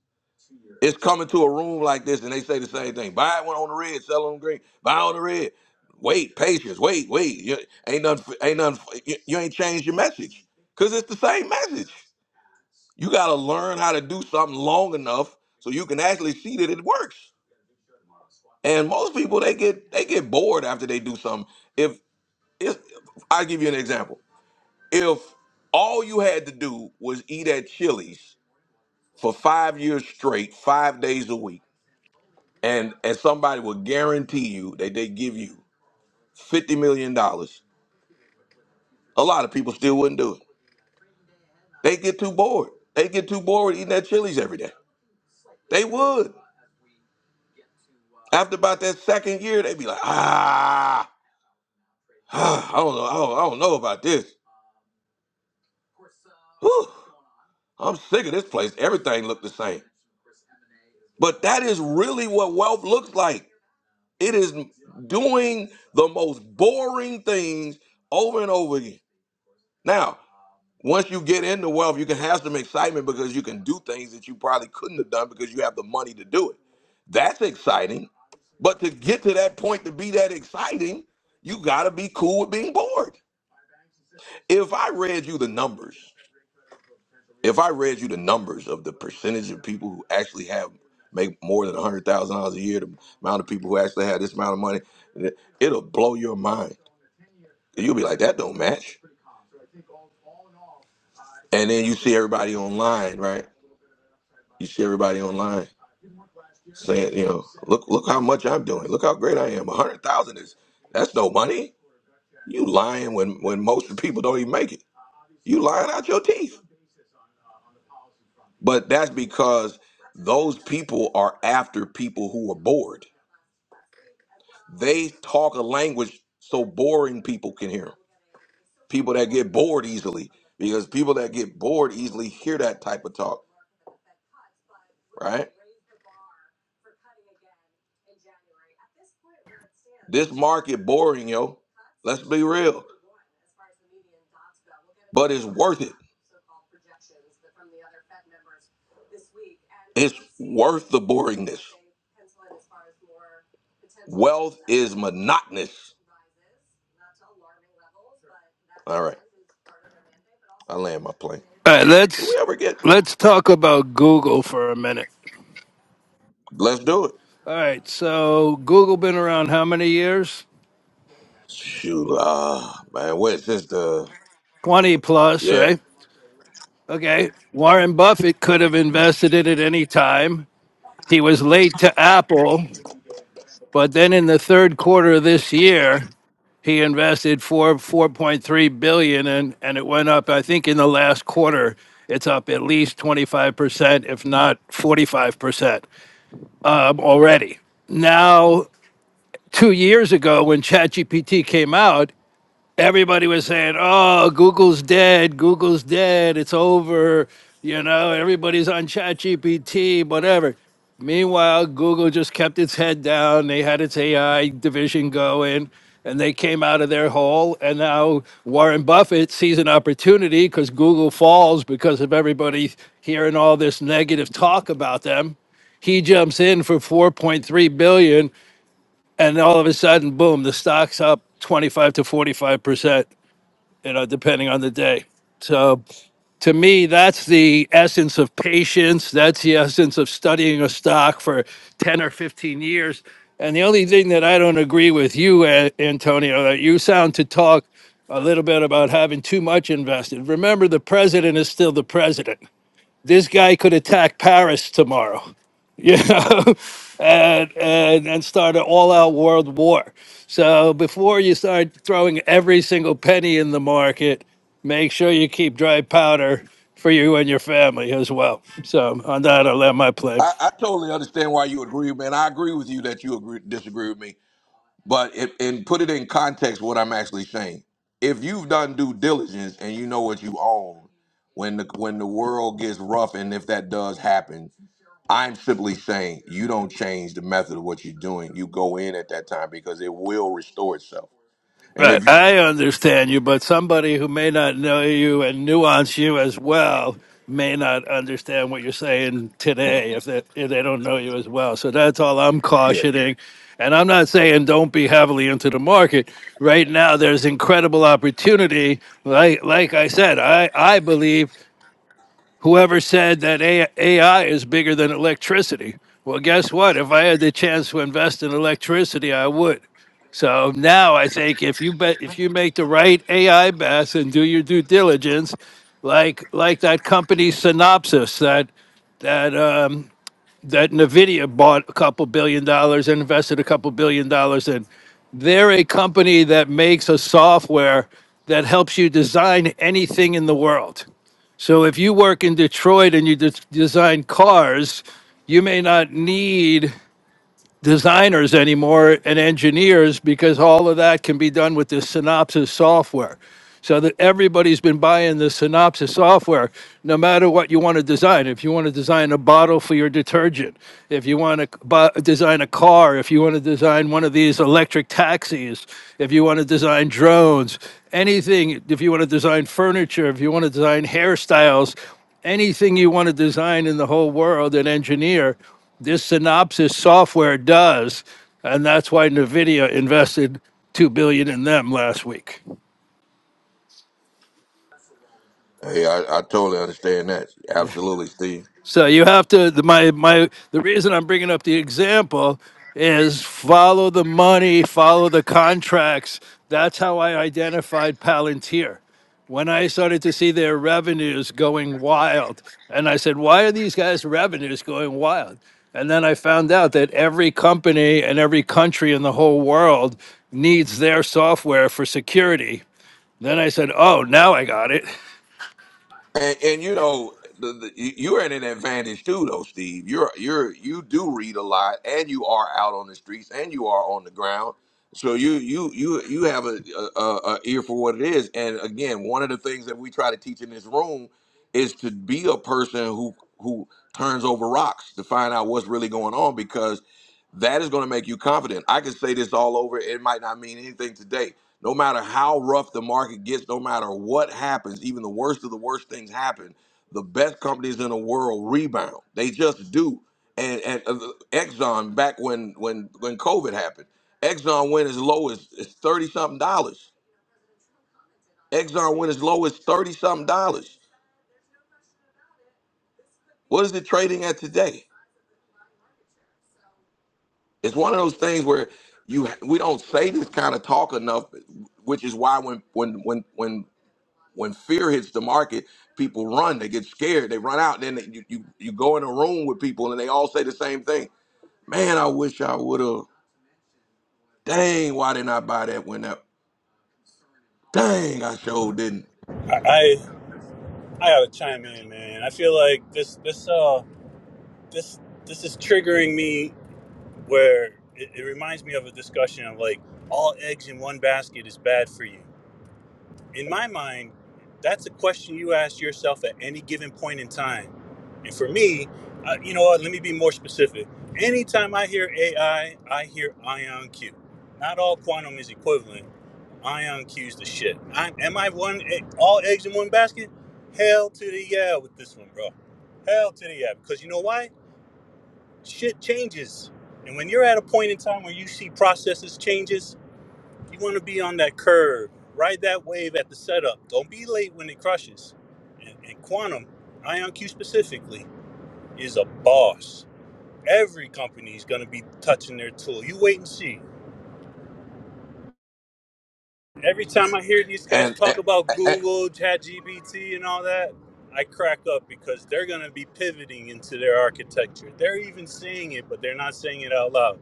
A: it's coming to a room like this and they say the same thing buy one on the red sell on the green buy on the red wait patience wait wait you, ain't nothing ain't nothing you, you ain't changed your message because it's the same message You got to learn how to do something long enough so you can actually see that it works. And most people they get they get bored after they do something. If if I give you an example, if all you had to do was eat at Chili's for five years straight, five days a week, and and somebody would guarantee you that they give you fifty million dollars, a lot of people still wouldn't do it. They get too bored. They get too bored eating at Chili's every day. They would. After about that second year, they be like, ah, ah, I don't know, I don't, I don't know about this. Whew, I'm sick of this place. Everything looked the same. But that is really what wealth looks like. It is doing the most boring things over and over again. Now, once you get into wealth, you can have some excitement because you can do things that you probably couldn't have done because you have the money to do it. That's exciting. But to get to that point to be that exciting, you got to be cool with being bored. if I read you the numbers, if I read you the numbers of the percentage of people who actually have make more than a hundred thousand dollars a year, the amount of people who actually have this amount of money, it'll blow your mind. You'll be like, that don't match. And then you see everybody online, right? You see everybody online saying, you know, look, look how much I'm doing. Look how great I am. A hundred thousand is that's no money. You lying when when most people don't even make it. You lying out your teeth. But that's because those people are after people who are bored. They talk a language so boring people can hear 'em. People that get bored easily, because people that get bored easily hear that type of talk, right? This market boring, yo. Let's be real. But it's worth it. It's worth the boringness. Wealth is monotonous. All right, I land my plane.
K: All right,
A: Do
K: let's
A: we ever get?
K: let's talk about Google for a minute.
A: Let's do it.
K: All right, so Google been around how many years?
A: Shoot, uh, man, what is this? The
K: 20 plus,
A: yeah,
K: right? Okay. Warren Buffett could have invested it at any time. He was late to Apple, but then in the third quarter of this year, he invested four four point three billion and and it went up i think in the last quarter it's up at least 25% if not 45% um, already now two years ago when ChatGPT came out, everybody was saying, "Oh, Google's dead. Google's dead. It's over." You know, everybody's on ChatGPT, whatever. Meanwhile, Google just kept its head down. They had its AI division going, and they came out of their hole. And now Warren Buffett sees an opportunity because Google falls because of everybody hearing all this negative talk about them he jumps in for 4.3 billion dollars and all of a sudden, boom, the stock's up 25 to 45 percent, you know, depending on the day. So, to me, that's the essence of patience. That's the essence of studying a stock for 10 or 15 years. And the only thing that I don't agree with you, A- Antonio, that you sound to talk a little bit about having too much invested. Remember, the president is still the president this guy could attack Paris tomorrow, you know, and, and, and start an all out world war. So before you start throwing every single penny in the market, make sure you keep dry powder for you and your family as well. So on that, I'll land my plane.
A: I, I totally understand why you agree, man. I agree with you that you agree, disagree with me, but it, and put it in context what I'm actually saying. If you've done due diligence and you know what you own, when the when the world gets rough, and if that does happen, I'm simply saying you don't change the method of what you're doing. You go in at that time because it will restore itself. And
K: Right,
A: if
K: I understand you, but somebody who may not know you and nuance you as well may not understand what you're saying today if they, if they don't know you as well. So that's all I'm cautioning. And I'm not saying don't be heavily into the market. Right now, there's incredible opportunity. Like, like I said, I, I believe whoever said that AI is bigger than electricity. Well, guess what? If I had the chance to invest in electricity, I would. So now I think if you bet, if you make the right AI bets and do your due diligence, like like that company Synopsys that that um, that Nvidia bought a couple billion dollars and invested a couple billion dollars in. They're a company that makes a software that helps you design anything in the world. So if you work in Detroit and you de- design cars, you may not need designers anymore and engineers because all of that can be done with this Synopsys software. So that everybody's been buying the Synopsys software, no matter what you want to design. If you want to design a bottle for your detergent, if you want to bu- design a car, if you want to design one of these electric taxis, if you want to design drones, anything, if you want to design furniture, if you want to design hairstyles, anything you want to design in the whole world and engineer this synopsis software does and that's why nvidia invested 2 billion dollars in them last week
A: hey, I, I totally understand that. Absolutely, Steve.
K: So you have to the, my my the reason I'm bringing up the example is follow the money, follow the contracts. That's how I identified Palantir. When I started to see their revenues going wild, and I said, "Why are these guys' revenues going wild?" And then I found out that every company and every country in the whole world needs their software for security. Then I said, "Oh, now I got it."
A: And, and you know, the, the, you- you're at an advantage too, though, Steve. You're you're you do read a lot, and you are out on the streets, and you are on the ground. So you you you you have a, a, a a ear for what it is. And again, one of the things that we try to teach in this room is to be a person who who turns over rocks to find out what's really going on because that is going to make you confident. I can say this all over; it might not mean anything today, no matter how rough the market gets, no matter what happens, even the worst of the worst things happen, the best companies in the world rebound. They just do. And, and uh, Exxon, back when when when COVID happened, Exxon went as low as thirty something dollars. Exxon went as low as thirty something dollars. What is it trading at today? It's one of those things where you we don't say this kind of talk enough, which is why when when when when when fear hits the market, people run. They get scared. They run out. Then they, you, you you go in a room with people, and they all say the same thing. Man, I wish I would have. Dang, why didn't I buy that when that? Dang, I sure didn't.
J: I, I gotta chime in, man. I feel like this this uh this this is triggering me where it, it reminds me of a discussion of like all eggs in one basket is bad for you. In my mind, that's a question you ask yourself at any given point in time. And for me, uh, you know what? Let me be more specific. Anytime I hear AI, I I hear ion Q. Not all quantum is equivalent, Ion cues the shit. I, am I one eh, all eggs in one basket? Hell to the yeah with this one, bro. Hell to the yeah because you know why? Shit changes, and when you're at a point in time where you see processes changes, you want to be on that curve, ride that wave at the setup. Don't be late when it crushes. And, and Quantum, Ion Q specifically, is a boss. Every company is going to be touching their tool. You wait and see. Every time I hear these guys
A: And,
J: talk about
A: and
J: Google, ChatGPT, and all that, I crack up because they're going to be pivoting into their architecture. They're even saying it, but they're not saying it out loud.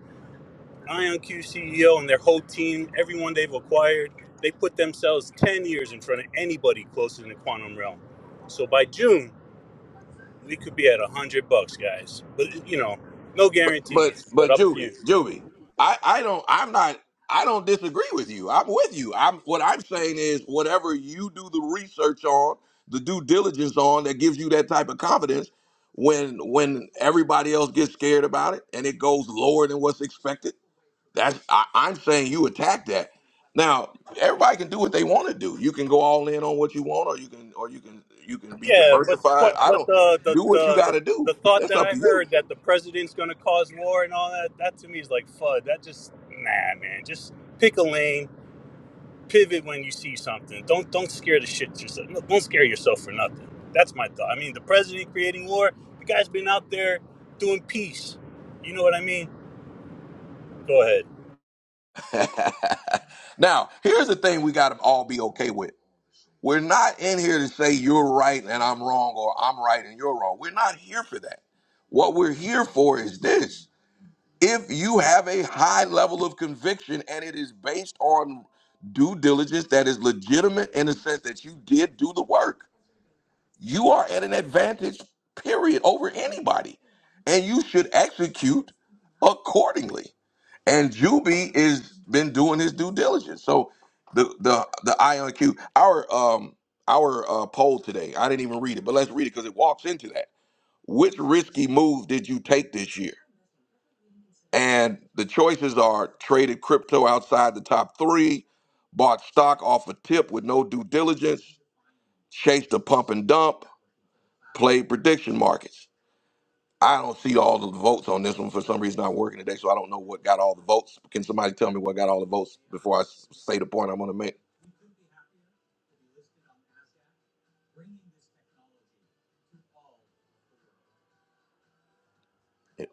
J: IonQ CEO and their whole team, everyone they've acquired, they put themselves 10 years in front of anybody close in the quantum realm. So by June, we could be at 100 bucks, guys. But, you know, no
A: But
J: guarantees, but
A: but
J: up to you.
A: Juby, Juby, I I don't I'm not I don't disagree with you. I'm with you. I'm what I'm saying is whatever you do the research on, the due diligence on that gives you that type of confidence when when everybody else gets scared about it and it goes lower than what's expected. That's I, I'm saying you attack that. Now, everybody can do what they want to do. You can go all in on what you want or you can or you can you can be
J: Yeah, but the,
A: diversified.
J: que-
A: I
J: but
A: don't
J: the, the
A: do what you
J: the
A: got
J: the
A: to
J: the
A: do.
J: thought
A: That's
J: that
A: up
J: I
A: to you.
J: heard that the president's going to cause war and all that that to me is like fud. That just nah, man. Just pick a lane, pivot when you see something. Don't don't scare the shit yourself. no, Don't scare yourself for nothing. That's my thought. I mean, the president creating war. The guy's been out there doing peace. You know what I mean? Go ahead.
A: now, here's the thing we got to all be okay with. We're not in here to say you're right and I'm wrong or I'm right and you're wrong. We're not here for that. What we're here for is this. If you have a high level of conviction and it is based on due diligence that is legitimate in the sense that you did do the work, you are at an advantage, period, over anybody. And you should execute accordingly. And Juby is been doing his due diligence. So the the the IonQ, our um our uh, poll today, I didn't even read it, but let's read it because it walks into that. Which risky move did you take this year? And the choices are traded crypto outside the top three, bought stock off a tip with no due diligence, chased a pump and dump, played prediction markets. I don't see all of the votes on this one for some reason. Not working today, so I don't know what got all the votes. Can somebody tell me what got all the votes before I s- say the point I'm going to make?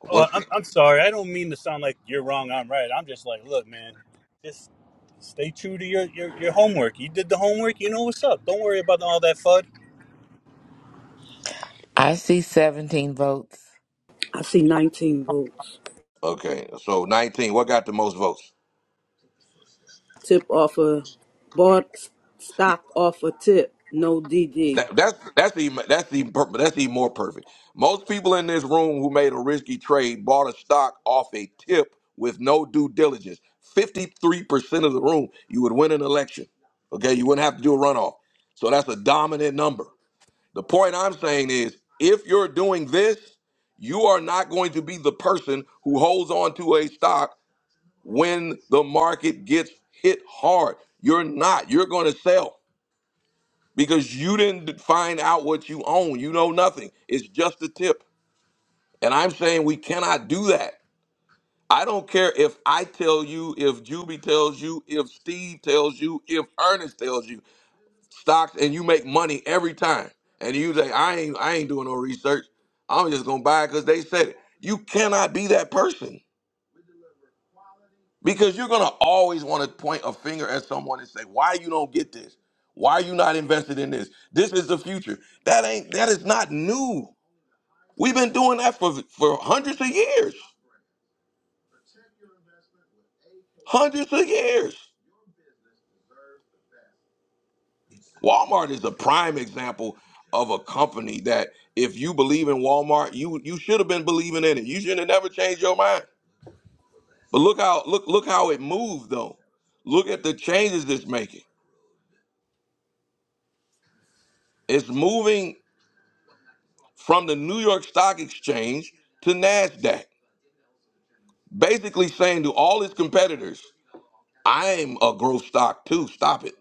J: Oh,
A: What's the,
J: I'm, I'm sorry. I don't mean to sound like you're wrong. I'm right. I'm just like, look, man, just stay true to your, your, your homework. You did the homework. You know what's up. Don't worry about all that fud.
C: I see 17 votes.
D: I see 19 votes.
A: okay? So 19. What got the most votes?
D: Tip off a bought stock off a tip. No DD.
A: That, that's that's even that's even per- that's even more perfect. Most people in this room who made a risky trade bought a stock off a tip with no due diligence. 53% of the room, you would win an election. Okay, you wouldn't have to do a runoff. So that's a dominant number. The point I'm saying is if you're doing this, you are not going to be the person who holds on to a stock when the market gets hit hard. You're not. You're going to sell because you didn't find out what you own. You know nothing. It's just a tip. And I'm saying we cannot do that. I don't care if I tell you, if Juby tells you, if Steve tells you, if Ernest tells you. stocks and you make money every time. And you say, I ain't I ain't doing no research. I'm just gonna buy it because they said it. You cannot be that person. Because you're gonna always want to point a finger at someone and say, Why you don't get this? Why you not invested in this? This is the future. That ain't that is not new. We've been doing that for for hundreds of years. Hundreds of years. Walmart is a prime example of a company that if you believe in Walmart, you you should have been believing in it. You should have never changed your mind. But look how look look how it moved though. Look at the changes it's making. It's moving from the New York Stock Exchange to Nasdaq, basically saying to all its competitors, "I'm a growth stock too. Stop it.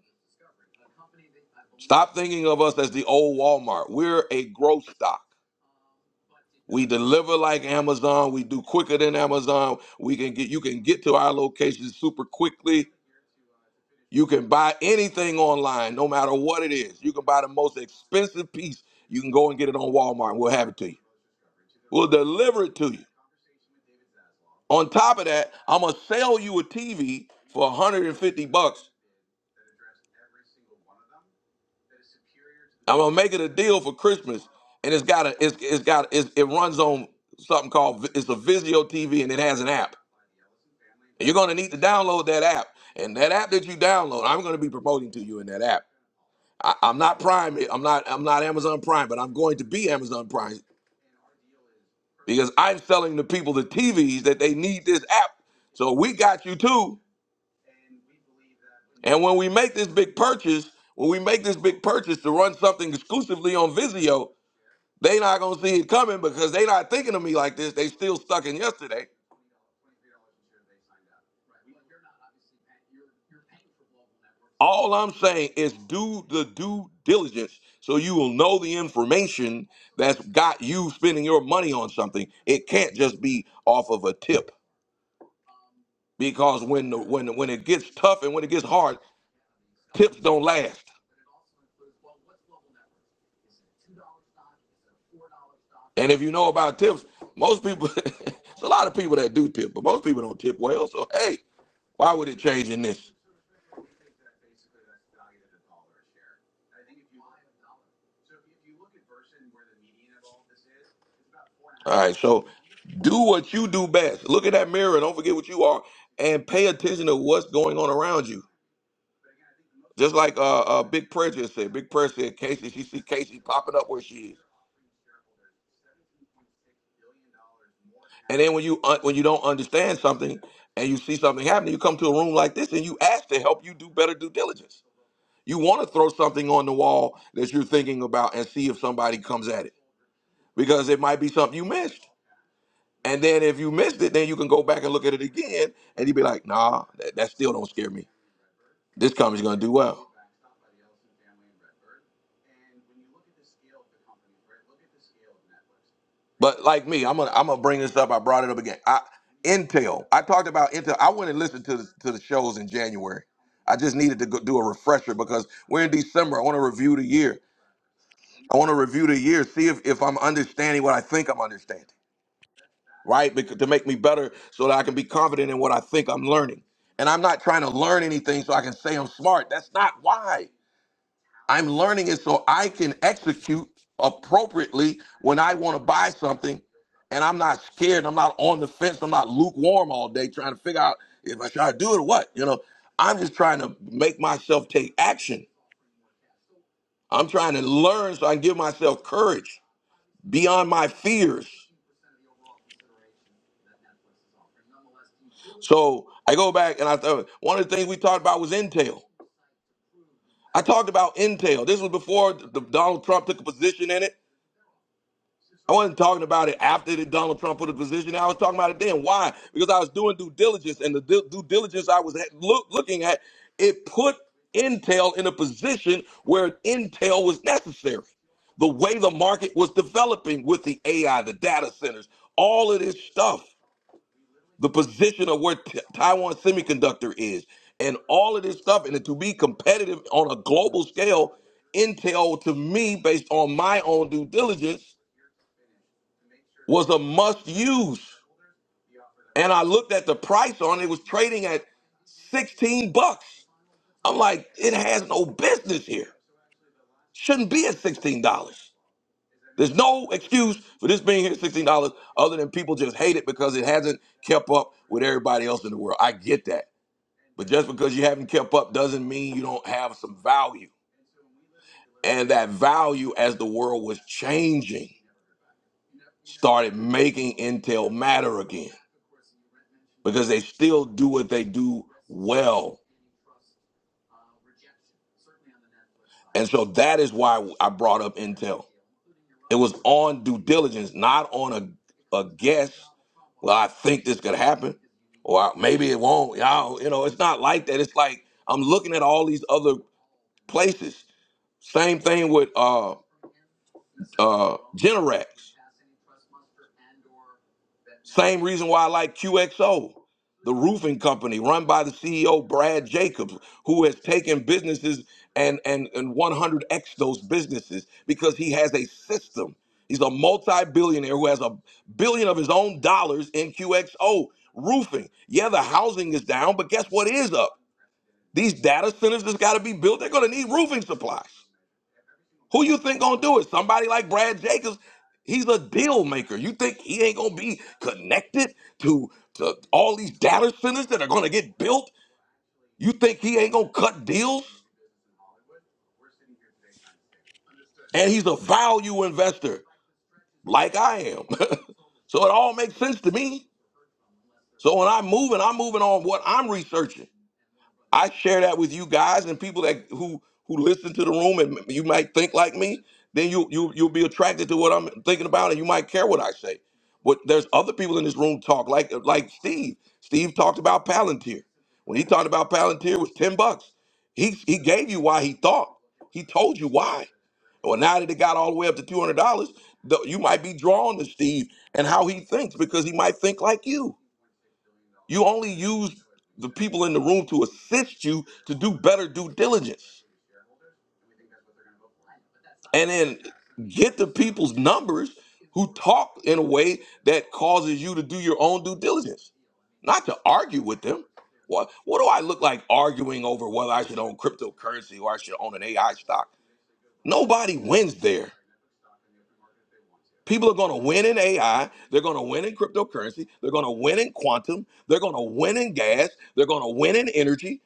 A: Stop thinking of us as the old Walmart. We're a growth stock." We deliver like Amazon. We do quicker than Amazon. We can get you can get to our locations super quickly. You can buy anything online, no matter what it is. You can buy the most expensive piece. You can go and get it on Walmart. and We'll have it to you. We'll deliver it to you. On top of that, I'm gonna sell you a TV for 150 bucks. I'm gonna make it a deal for Christmas, and it's got a it's, it's got it's, it runs on something called Vi- it's a Vizio TV, and it has an app. You're going to need to download that app. And that app that you download, I'm going to be promoting to you in that app. I, I'm not Prime. I'm not. I'm not Amazon Prime, but I'm going to be Amazon Prime because I'm selling the people the TVs that they need this app. So we got you too. And when we make this big purchase, when we make this big purchase to run something exclusively on Vizio, they not gonna see it coming because they not thinking of me like this. They still stuck in yesterday. All I'm saying is do the due diligence so you will know the information that's got you spending your money on something. It can't just be off of a tip because when the, when when it gets tough and when it gets hard, tips don't last. And if you know about tips, most people it's a lot of people that do tip, but most people don't tip well. So hey, why would it change in this? All right, so do what you do best. Look at that mirror and don't forget what you are, and pay attention to what's going on around you. Just like uh, uh Big Prayer just said. Big Prayer said, Casey, she see Casey popping up where she is. And then when you un- when you don't understand something and you see something happening, you come to a room like this and you ask to help you do better due diligence. You want to throw something on the wall that you're thinking about and see if somebody comes at it because it might be something you missed. And then if you missed it, then you can go back and look at it again, and you'd be like, "Nah, that, that still don't scare me. This company's gonna do well." But like me, I'm gonna I'm gonna bring this up. I brought it up again. I, Intel. I talked about Intel. I went and listened to the, to the shows in January. I just needed to go do a refresher because we're in December. I want to review the year. I want to review the year, see if, if I'm understanding what I think I'm understanding, right? Because, to make me better, so that I can be confident in what I think I'm learning. And I'm not trying to learn anything so I can say I'm smart. That's not why. I'm learning it so I can execute appropriately when I want to buy something and I'm not scared. I'm not on the fence. I'm not lukewarm all day trying to figure out if I should do it or what. You know, I'm just trying to make myself take action. I'm trying to learn so I can give myself courage beyond my fears. So I go back and I thought one of the things we talked about was Intel. I talked about Intel. This was before the, Donald Trump took a position in it. I wasn't talking about it after that Donald Trump put a position. I was talking about it then. Why? Because I was doing due diligence, and the due due diligence I was at- look, looking at it put Intel in a position where Intel was necessary. The way the market was developing with the AI, the data centers, all of this stuff, the position of where T- Taiwan Semiconductor is, and all of this stuff, and to be competitive on a global scale, Intel to me, based on my own due diligence was a must use. And I looked at the price on it, it was trading at 16 bucks. I'm like, it has no business here. Shouldn't be at $16. There's no excuse for this being here at $16 other than people just hate it because it hasn't kept up with everybody else in the world. I get that. But just because you haven't kept up doesn't mean you don't have some value. And that value, as the world was changing, started making Intel matter again. because they still do what they do well. And so that is why I brought up Intel. It was on due diligence, not on a, a guess. Well, I think this could happen, or I- maybe it won't. Y'all, you know, it's not like that. It's like I'm looking at all these other places. Same thing with uh, uh, Generac. Same reason why I like QXO, the roofing company run by the CEO Brad Jacobs, who has taken businesses and and and 100x those businesses because he has a system. He's a multi-billionaire who has a billion of his own dollars in QXO roofing. Yeah, the housing is down, but guess what is up? These data centers that's got to be built, they're going to need roofing supplies. Who you think gonna do it? Somebody like Brad Jacobs, he's a deal maker. You think he ain't gonna be connected to, to all these data centers that are gonna get built? You think he ain't gonna cut deals? And he's a value investor, like I am. so it all makes sense to me. So when I'm moving, I'm moving on what I'm researching. I share that with you guys and people that who who listen to the room and you might think like me, then you you you'll be attracted to what I'm thinking about and you might care what I say. But there's other people in this room talk like like Steve. Steve talked about Palantir. When he talked about Palantir it was 10 bucks. He he gave you why he thought. He told you why. Well, now that it got all the way up to two hundred dollars, you might be drawn to Steve and how he thinks because he might think like you. You only use the people in the room to assist you to do better due diligence and then get the people's numbers who talk in a way that causes you to do your own due diligence, not to argue with them. What, what do I look like arguing over whether I should own cryptocurrency or I should own an AI stock? Nobody wins there. People are going to win in AI. They're going to win in cryptocurrency. They're going to win in quantum. They're going to win in gas. They're going to win in energy.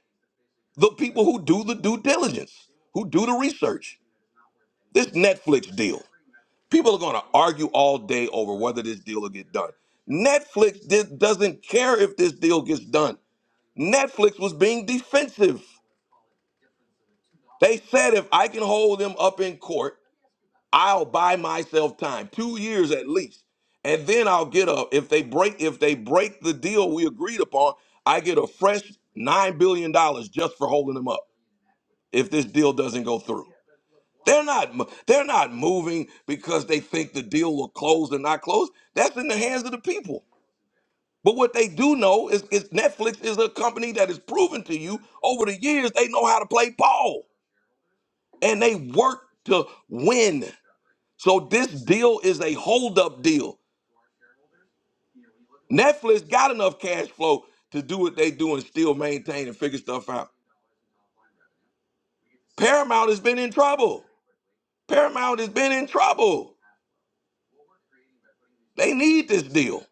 A: The people who do the due diligence, who do the research. This Netflix deal. People are going to argue all day over whether this deal will get done. Netflix did, doesn't care if this deal gets done. Netflix was being defensive. They said if I can hold them up in court, I'll buy myself time, two years at least, and then I'll get up. If they break, if they break the deal we agreed upon, I get a fresh nine billion dollars just for holding them up. If this deal doesn't go through. They're not mo- they're not moving because they think the deal will close or not close. That's in the hands of the people. But what they do know is, is Netflix is a company that has proven to you over the years they know how to play ball and they work to win. So this deal is a holdup deal. Netflix got enough cash flow to do what they do and still maintain and figure stuff out. Paramount has been in trouble. Paramount has been in trouble. They need this deal.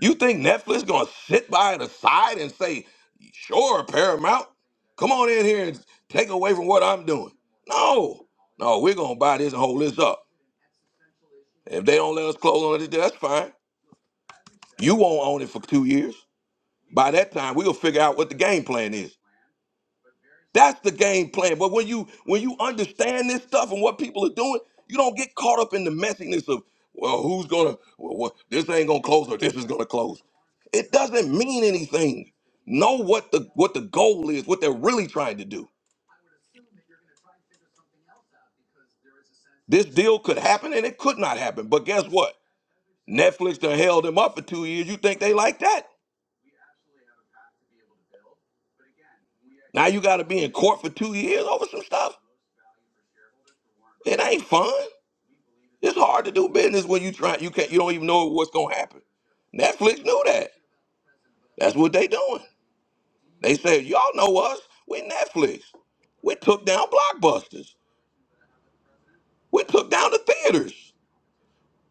A: You think Netflix gonna sit by the side and say, "Sure, Paramount, come on in here and take away from what I'm doing"? No, no, we're gonna buy this and hold this up. If they don't let us close on it, that's fine. You won't own it for two years. By that time, we'll figure out what the game plan is. That's the game plan. But when you when you understand this stuff and what people are doing, you don't get caught up in the messiness of well, who's gonna well, what, this ain't gonna close or this is gonna close. It doesn't mean anything. Know what the what the goal is, what they're really trying to do. This deal could happen and it could not happen. But guess what? Netflix done held them up for two years. You think they like that? Now you gotta be in court for two years over some stuff. It ain't fun. It's hard to do business when you try you can't you don't even know what's gonna happen. Netflix knew that. That's what they doing. They said, Y'all know us, we Netflix. We took down blockbusters. We took down the theaters.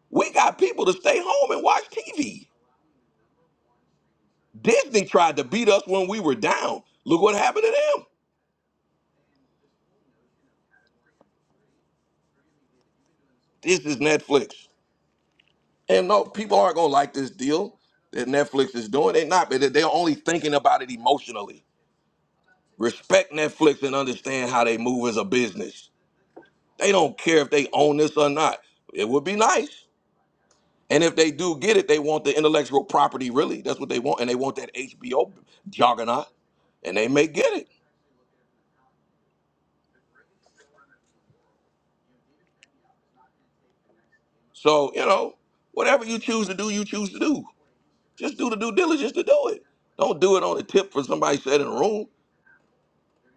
A: We got people to stay home and watch TV. Disney tried to beat us when we were down. Look what happened to them. This is Netflix. And no, people aren't gonna like this deal that Netflix is doing. They're not, but they're only thinking about it emotionally. Respect Netflix and understand how they move as a business. They don't care if they own this or not. It would be nice. And if they do get it, they want the intellectual property, really. That's what they want. And they want that HBO juggernaut. And they may get it. So, you know, whatever you choose to do, you choose to do. Just do the due diligence to do it. Don't do it on a tip for somebody said in a room.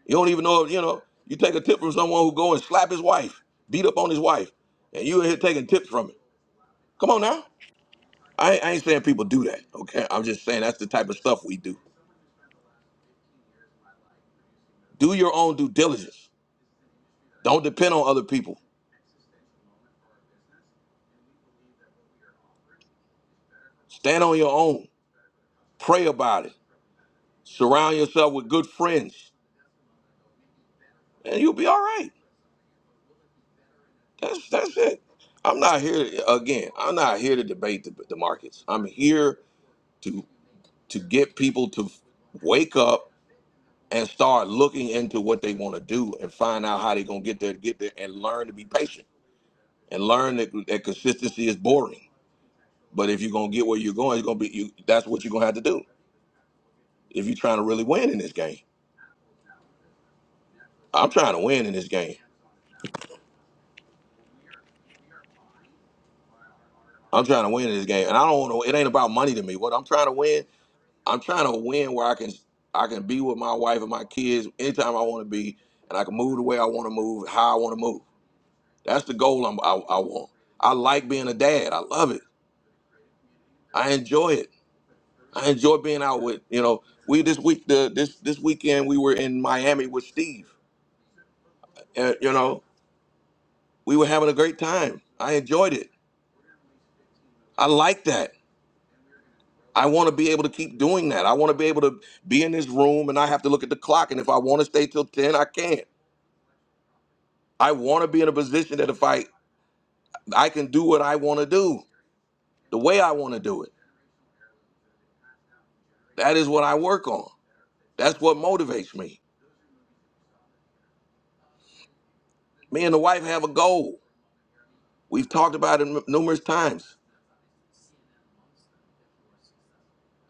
A: You don't even know, if, you know, you take a tip from someone who go and slap his wife, beat up on his wife, and you in here taking tips from it. Come on now. I, ain't- I ain't saying people do that, okay? I'm just saying that's the type of stuff we do. Do your own due diligence. Don't depend on other people. Stand on your own. Pray about it. Surround yourself with good friends, and you'll be all right. That's that's it. I'm not here again. I'm not here to debate the, the markets. I'm here to to get people to wake up and start looking into what they want to do and find out how they're gonna get there, get there, and learn to be patient and learn that, that consistency is boring. But if you're gonna get where you're going, it's gonna be you. That's what you're gonna have to do. if you're trying to really win in this game. I'm trying to win in this game. I'm trying to win in this game, and I don't know. It ain't about money to me. What I'm trying to win, I'm trying to win where I can I can be with my wife and my kids anytime I want to be, and I can move the way I want to move, how I want to move. That's the goal I'm, I, I want. I like being a dad. I love it. I enjoy it. I enjoy being out with you know. We this week the this this weekend we were in Miami with Steve. And, you know we were having a great time. I enjoyed it. I like that. I want to be able to keep doing that. I want to be able to be in this room and I have to look at the clock. And if I want to stay till 10, I can't. I want to be in a position that if I I can do what I want to do, the way I want to do it. That is what I work on. That's what motivates me. Me and the wife have a goal. We've talked about it m- numerous times.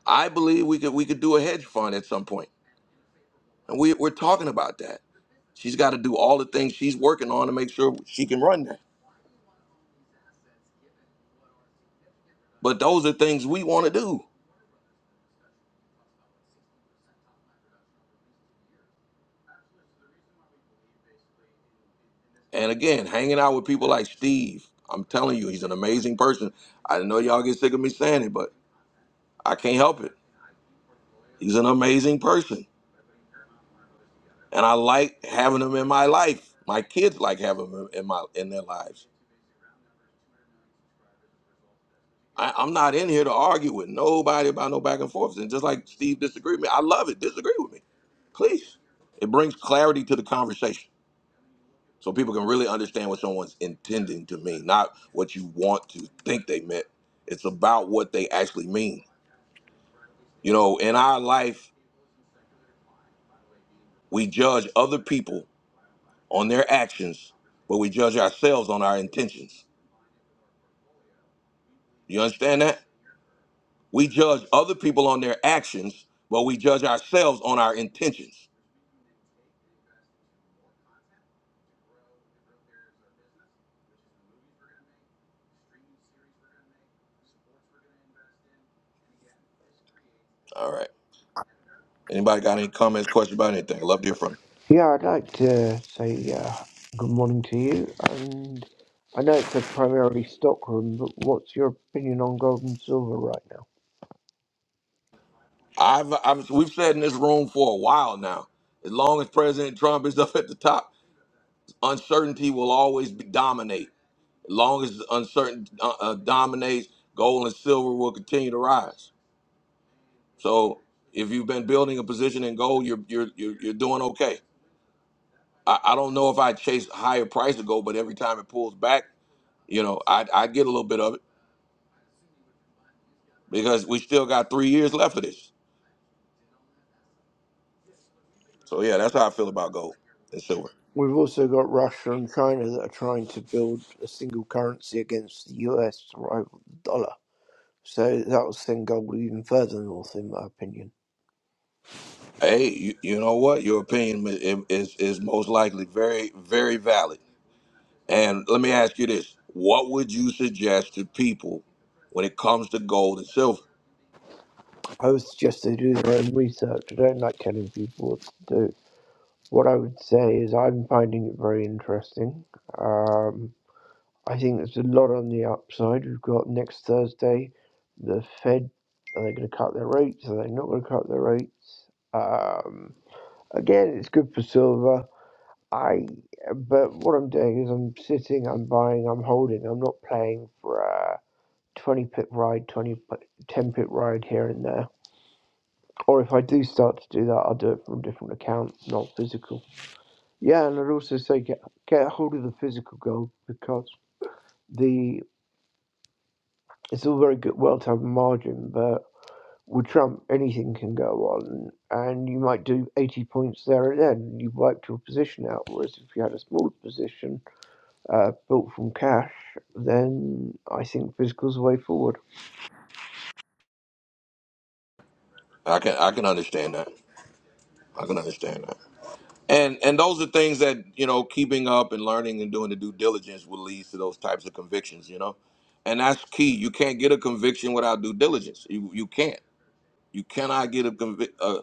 A: I believe we could we could do a hedge fund at some point, and we, we're talking about that. She's got to do all the things she's working on to make sure she can run that. But those are things we want to do And again, hanging out with people like Steve, I'm telling you, he's an amazing person. I know y'all get sick of me saying it, but I can't help it. He's an amazing person, and I like having him in my life. My kids like having him in my in their lives. I, I'm not in here to argue with nobody about no back and forths. And just like Steve disagreed with me, I love it. Disagree with me, please. It brings clarity to the conversation, so people can really understand what someone's intending to mean, not what you want to think they meant. It's about what they actually mean You know, in our life, we judge other people on their actions, but we judge ourselves on our intentions. You understand that? We judge other people on their actions, but we judge ourselves on our intentions. All right. Anybody got any comments, questions about anything? Love to hear from you.
L: Yeah, I'd like to say uh, good morning to you. And I know it's a primarily stock room, but what's your opinion on gold and silver right now?
A: I've, I've we've said in this room for a while now. As long as President Trump is up at the top, uncertainty will always be, dominate. As long as uncertainty uh, uh, dominates, gold and silver will continue to rise. So if you've been building a position in gold, you're you're you're, you're doing okay. I, I don't know if I chase higher price of gold, but every time it pulls back, you know, I I get a little bit of it because we still got three years left of this. So yeah, that's how I feel about gold and silver.
L: We've also got Russia and China that are trying to build a single currency against the US rival dollar. So that will send gold even further north, in my opinion.
A: Hey, you, you know what? Your opinion i- is is most likely very very valid. And let me ask you this: What would you suggest to people when it comes to gold and silver?
L: I would suggest they do their own research. I don't like telling people what to do. What I would say is I'm finding it very interesting. Um, I think there's a lot on the upside. We've got next Thursday, the Fed. Are they going to cut their rates? Are they not going to cut their rates? Um, again, it's good for silver. I, but what I'm doing is I'm sitting, I'm buying, I'm holding. I'm not playing for a 20 pip ride, 20 10 pip ride here and there. Or if I do start to do that, I'll do it from a different account, not physical. Yeah, and I'd also say get get hold of the physical gold because. the. it's all very good, well to have a margin, but with Trump, anything can go on, and you might do 80 points there and then, and you wiped your position out. Whereas if you had a smaller position uh, built from cash, then I think physical's the way forward.
A: I can I can understand that. I can understand that. And and those are things that you know, keeping up and learning and doing the due diligence will lead to those types of convictions. You know, and that's key. You can't get a conviction without due diligence. You you can't. You cannot get a convi- a,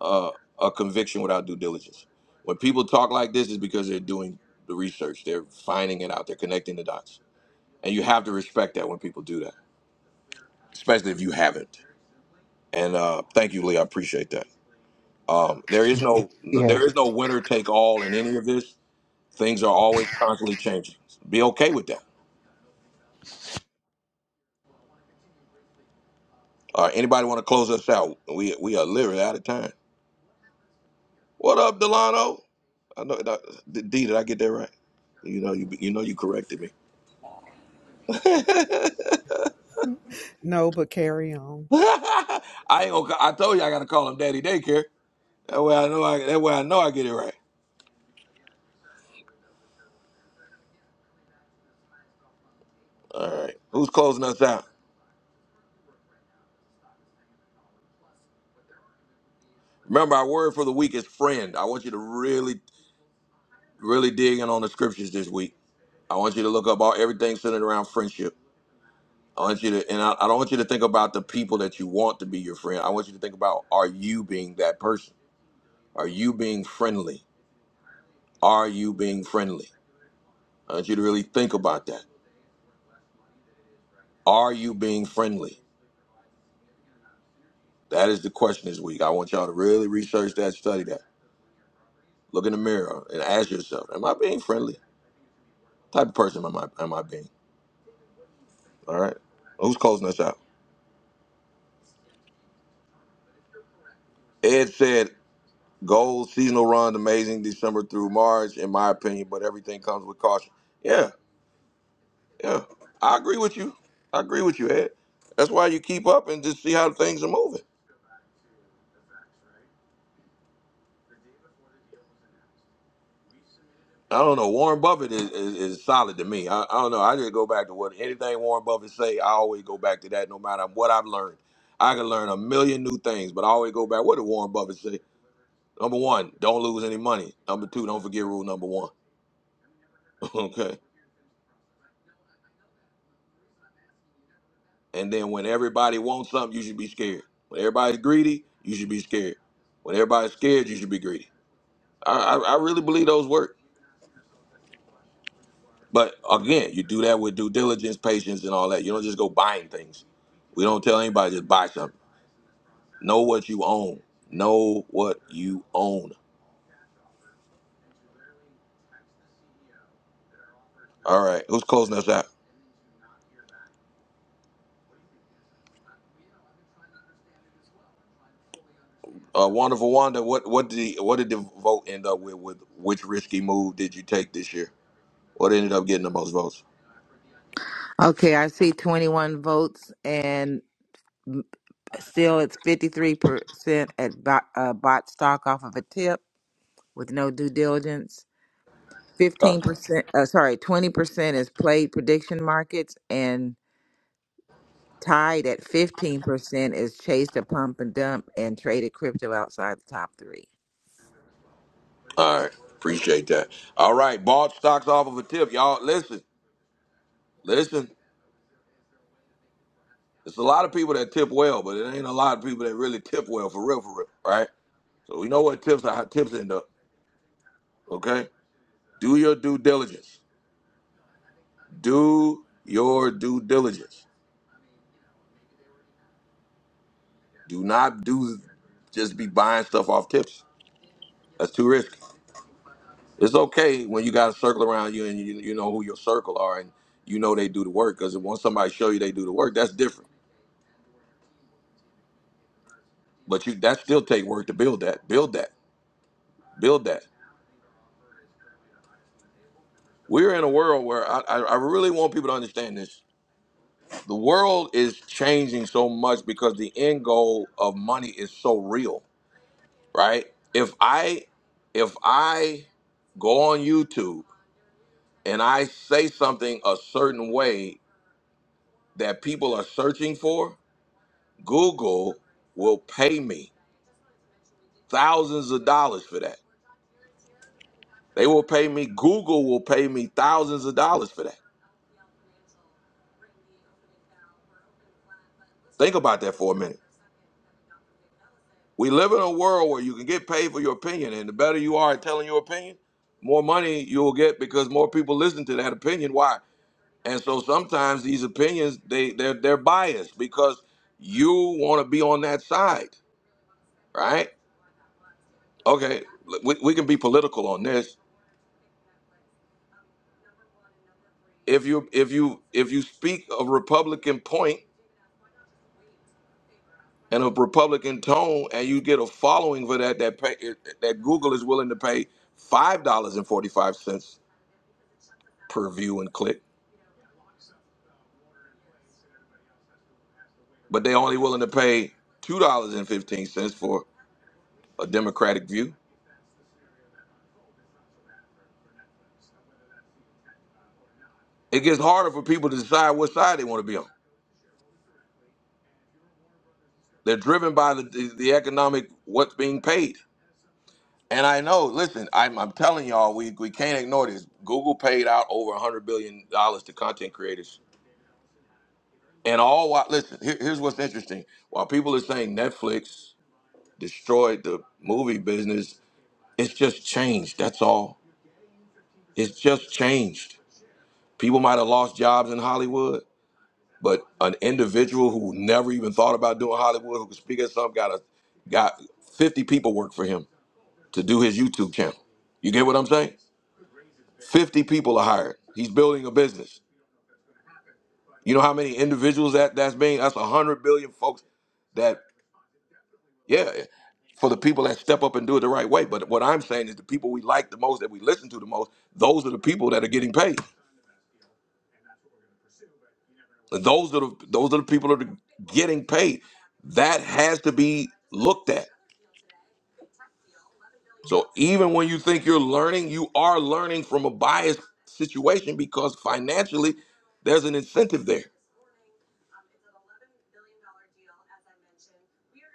A: a, a conviction without due diligence. When people talk like this, is because they're doing the research. They're finding it out. They're connecting the dots. And you have to respect that when people do that, especially if you haven't. And uh, thank you, Lee. I appreciate that. Um, there is no
L: Yeah.
A: there is no winner take all in any of this Things are always constantly changing. Be okay with that. All right. Anybody want to close us out? We we are literally out of time. What up, Delano? I know. that- D, D, did I get that right? You know you you know you corrected me. I
M: No, but carry on.
A: ain't gonna. ca- I told you I gotta call him Daddy Daycare. That way I know. I, that way I know I get it right. All right. Who's closing us out? Remember, our word for the week is friend. I want you to really, really dig in on the scriptures this week. I want you to look up all everything centered around friendship. I want you to, and I, I don't want you to think about the people that you want to be your friend. I want you to think about are you being that person? Are you being friendly? Are you being friendly? I want you to really think about that. Are you being friendly? That is the question this week. I want y'all to really research that, study that. Look in the mirror and ask yourself, am I being friendly? What type of person am I, am I being? All right. Who's closing us out? Ed said, gold seasonal runs amazing December through March, in my opinion, but everything comes with caution. Yeah, Yeah, I agree with you. I agree with you, Ed. That's why you keep up and just see how things are moving. I don't know. Warren Buffett is, is, is solid to me. I, I don't know. I just go back to what anything Warren Buffett say. I always go back to that, no matter what I've learned. I can learn a million new things, but I always go back. What did Warren Buffett say? Number one, don't lose any money. Number two, don't forget rule number one. okay. And then when everybody wants something, you should be scared. When everybody's greedy, you should be scared. When everybody's scared, you should be greedy. I, I, I really believe those work. But again, you do that with due diligence, patience, and all that. You don't just go buying things. We don't tell anybody just buy something. Know what you own. Know what you own. All right, who's closing us out? Uh, wonderful Wanda, what what did the, what did the vote end up with? With which risky move did you take this year? What ended up getting the most votes?
C: Okay, I see 21 votes, and m- still it's 53% at bot, uh, bot stock off of a tip with no due diligence.
A: All right,
C: 15%, uh, sorry, 20% is played prediction markets, and tied at 15% is chased a pump and dump and traded crypto outside the top three.
A: all right. appreciate that. All right, bought stocks off of a tip, y'all. Listen, listen. There's a lot of people that tip well, but it ain't a lot of people that really tip well for real, for real, right? So we know what tips are how tips end up. Okay? Do your due diligence. Do your due diligence. Do not do just be buying stuff off tips. That's too risky. It's okay when you got a circle around you and you, you know who your circle are and you know they do the work. Because once somebody show you they do the work, that's different. But you that still take work to build that. Build that. Build that. We're in a world where I, I I really want people to understand this. The world is changing so much because the end goal of money is so real right? If I if I go on YouTube and I say something a certain way that people are searching for, Google will pay me thousands of dollars for that. They will pay me Google will pay me thousands of dollars for that. Think about that for a minute. We live in a world where you can get paid for your opinion and the better you are at telling your opinion, more money you will get because more people listen to that opinion. Why? And so sometimes these opinions they they're they're biased because you want to be on that side, right? Okay, l- we, we can be political on this. If you if you if you speak a Republican point and a Republican tone, and you get a following for that that pay, that Google is willing to pay five dollars and forty five cents per view and click, but they only willing to pay two dollars and fifteen cents for a Democratic view. It gets harder for people to decide what side they want to be on They're driven by the, the, the economic what's being paid. And I know, listen, I'm, I'm telling y'all, we, we can't ignore this. Google paid out over $100 billion dollars to content creators. And all while, listen, here, here's what's interesting. While people are saying Netflix destroyed the movie business, it's just changed. That's all. It's just changed. People might have lost jobs in Hollywood, but an individual who never even thought about doing Hollywood, who could speak at something, got a got 50 people work for him to do his YouTube channel. You get what I'm saying? 50 people are hired. He's building a business. You know how many individuals that that's being? That's 100 billion folks that, yeah, for the people that step up and do it the right way. But what I'm saying is the people we like the most, that we listen to the most, those are the people that are getting paid. Those are the those are the people that are getting paid. That has to be looked at. So even when you think you're learning, you are learning from a biased situation because financially There's an incentive there.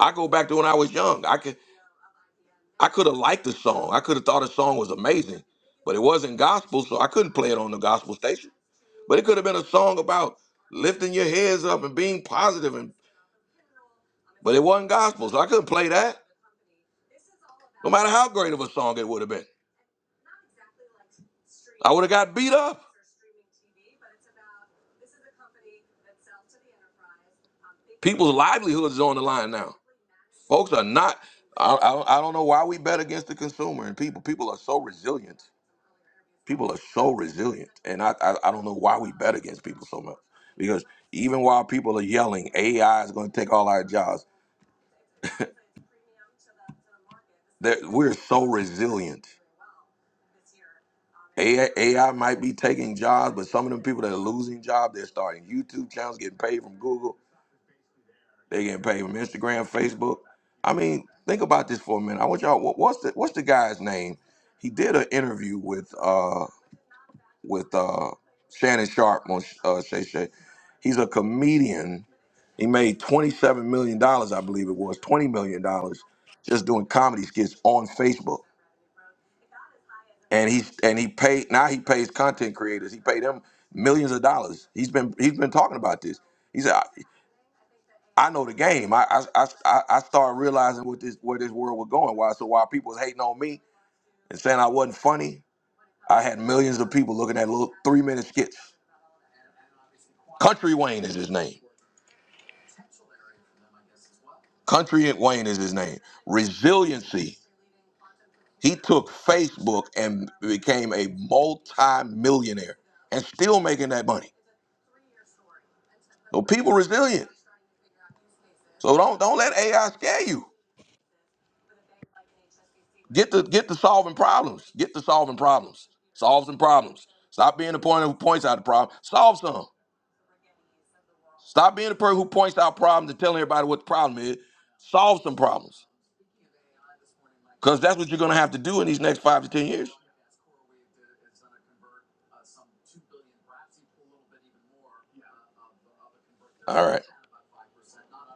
A: I go back to when I was young. I could I could have liked the song. I could have thought the song was amazing, but it wasn't gospel, so I couldn't play it on the gospel station. But it could have been a song about lifting your heads up and being positive, and but it wasn't gospel, so I couldn't play that. No matter how great of a song it would have been. I would have got beat up. People's livelihoods is on the line now. Folks are not. I, I, I don't know why we bet against the consumer and people. People are so resilient. People are so resilient, and I, I I don't know why we bet against people so much. Because even while people are yelling, AI is going to take all our jobs. that We're so resilient. AI, might be taking jobs, but some of them people that are losing jobs, they're starting YouTube channels, getting paid from Google, they're getting paid from Instagram, Facebook. I mean, think about this for a minute. I want y'all. What, what's the What's the guy's name? He did an interview with uh with uh Shannon Sharp on uh, Shay Shay. He's a comedian. He made twenty seven million dollars, I believe it was twenty million dollars, just doing comedy skits on Facebook and he and he paid now he pays content creators he paid them millions of dollars he's been he's been talking about this he said i, I know the game I, I i i I started realizing what this where this world was going why so while people was hating on me and saying i wasn't funny i had millions of people looking at little three minute skits country wayne is his name country wayne is his name resiliency he took facebook and became a multi-millionaire and still making that money so people resilient So don't don't let AI scare you. Get to get to solving problems. Get to solving problems. Solve some problems. Stop being the point who points out the problem. Solve some. Stop being the person who points out problems and telling everybody what the problem is. Solve some problems. Because that's what you're gonna have to do in these next five to ten years. All right.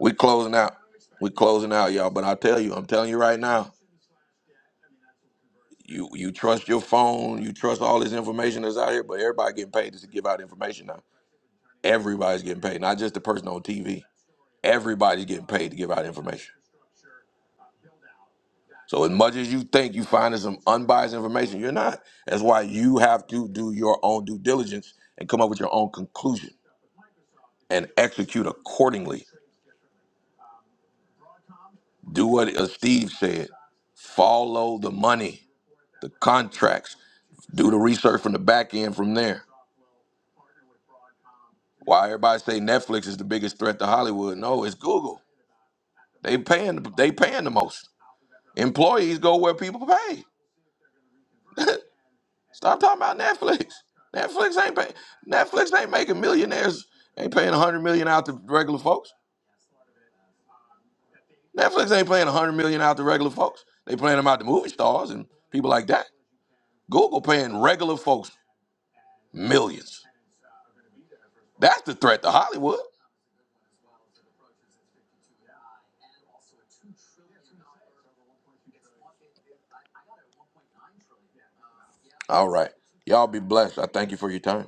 A: We closing out. We closing out, y'all. But I tell you, I'm telling you right now, you you trust your phone, you trust all this information that's out here, but everybody getting paid to give out information now. Everybody's getting paid, not just the person on TV. Everybody's getting paid to give out information. So as much as you think you're finding some unbiased information, you're not. That's why you have to do your own due diligence and come up with your own conclusion and execute accordingly. Do what uh, Steve said. Follow the money, the contracts. Do the research from the back end from there. Why everybody say Netflix is the biggest threat to Hollywood? No, it's Google. They paying they paying the most. Employees go where people pay. Stop talking about Netflix. Netflix ain't pay. Netflix ain't making millionaires. Ain't paying a hundred million out to regular folks. Netflix ain't paying a hundred million out to regular folks. They paying them out to movie stars and people like that. Google paying regular folks millions. That's the threat to Hollywood. All right, y'all be blessed. I thank you for your time.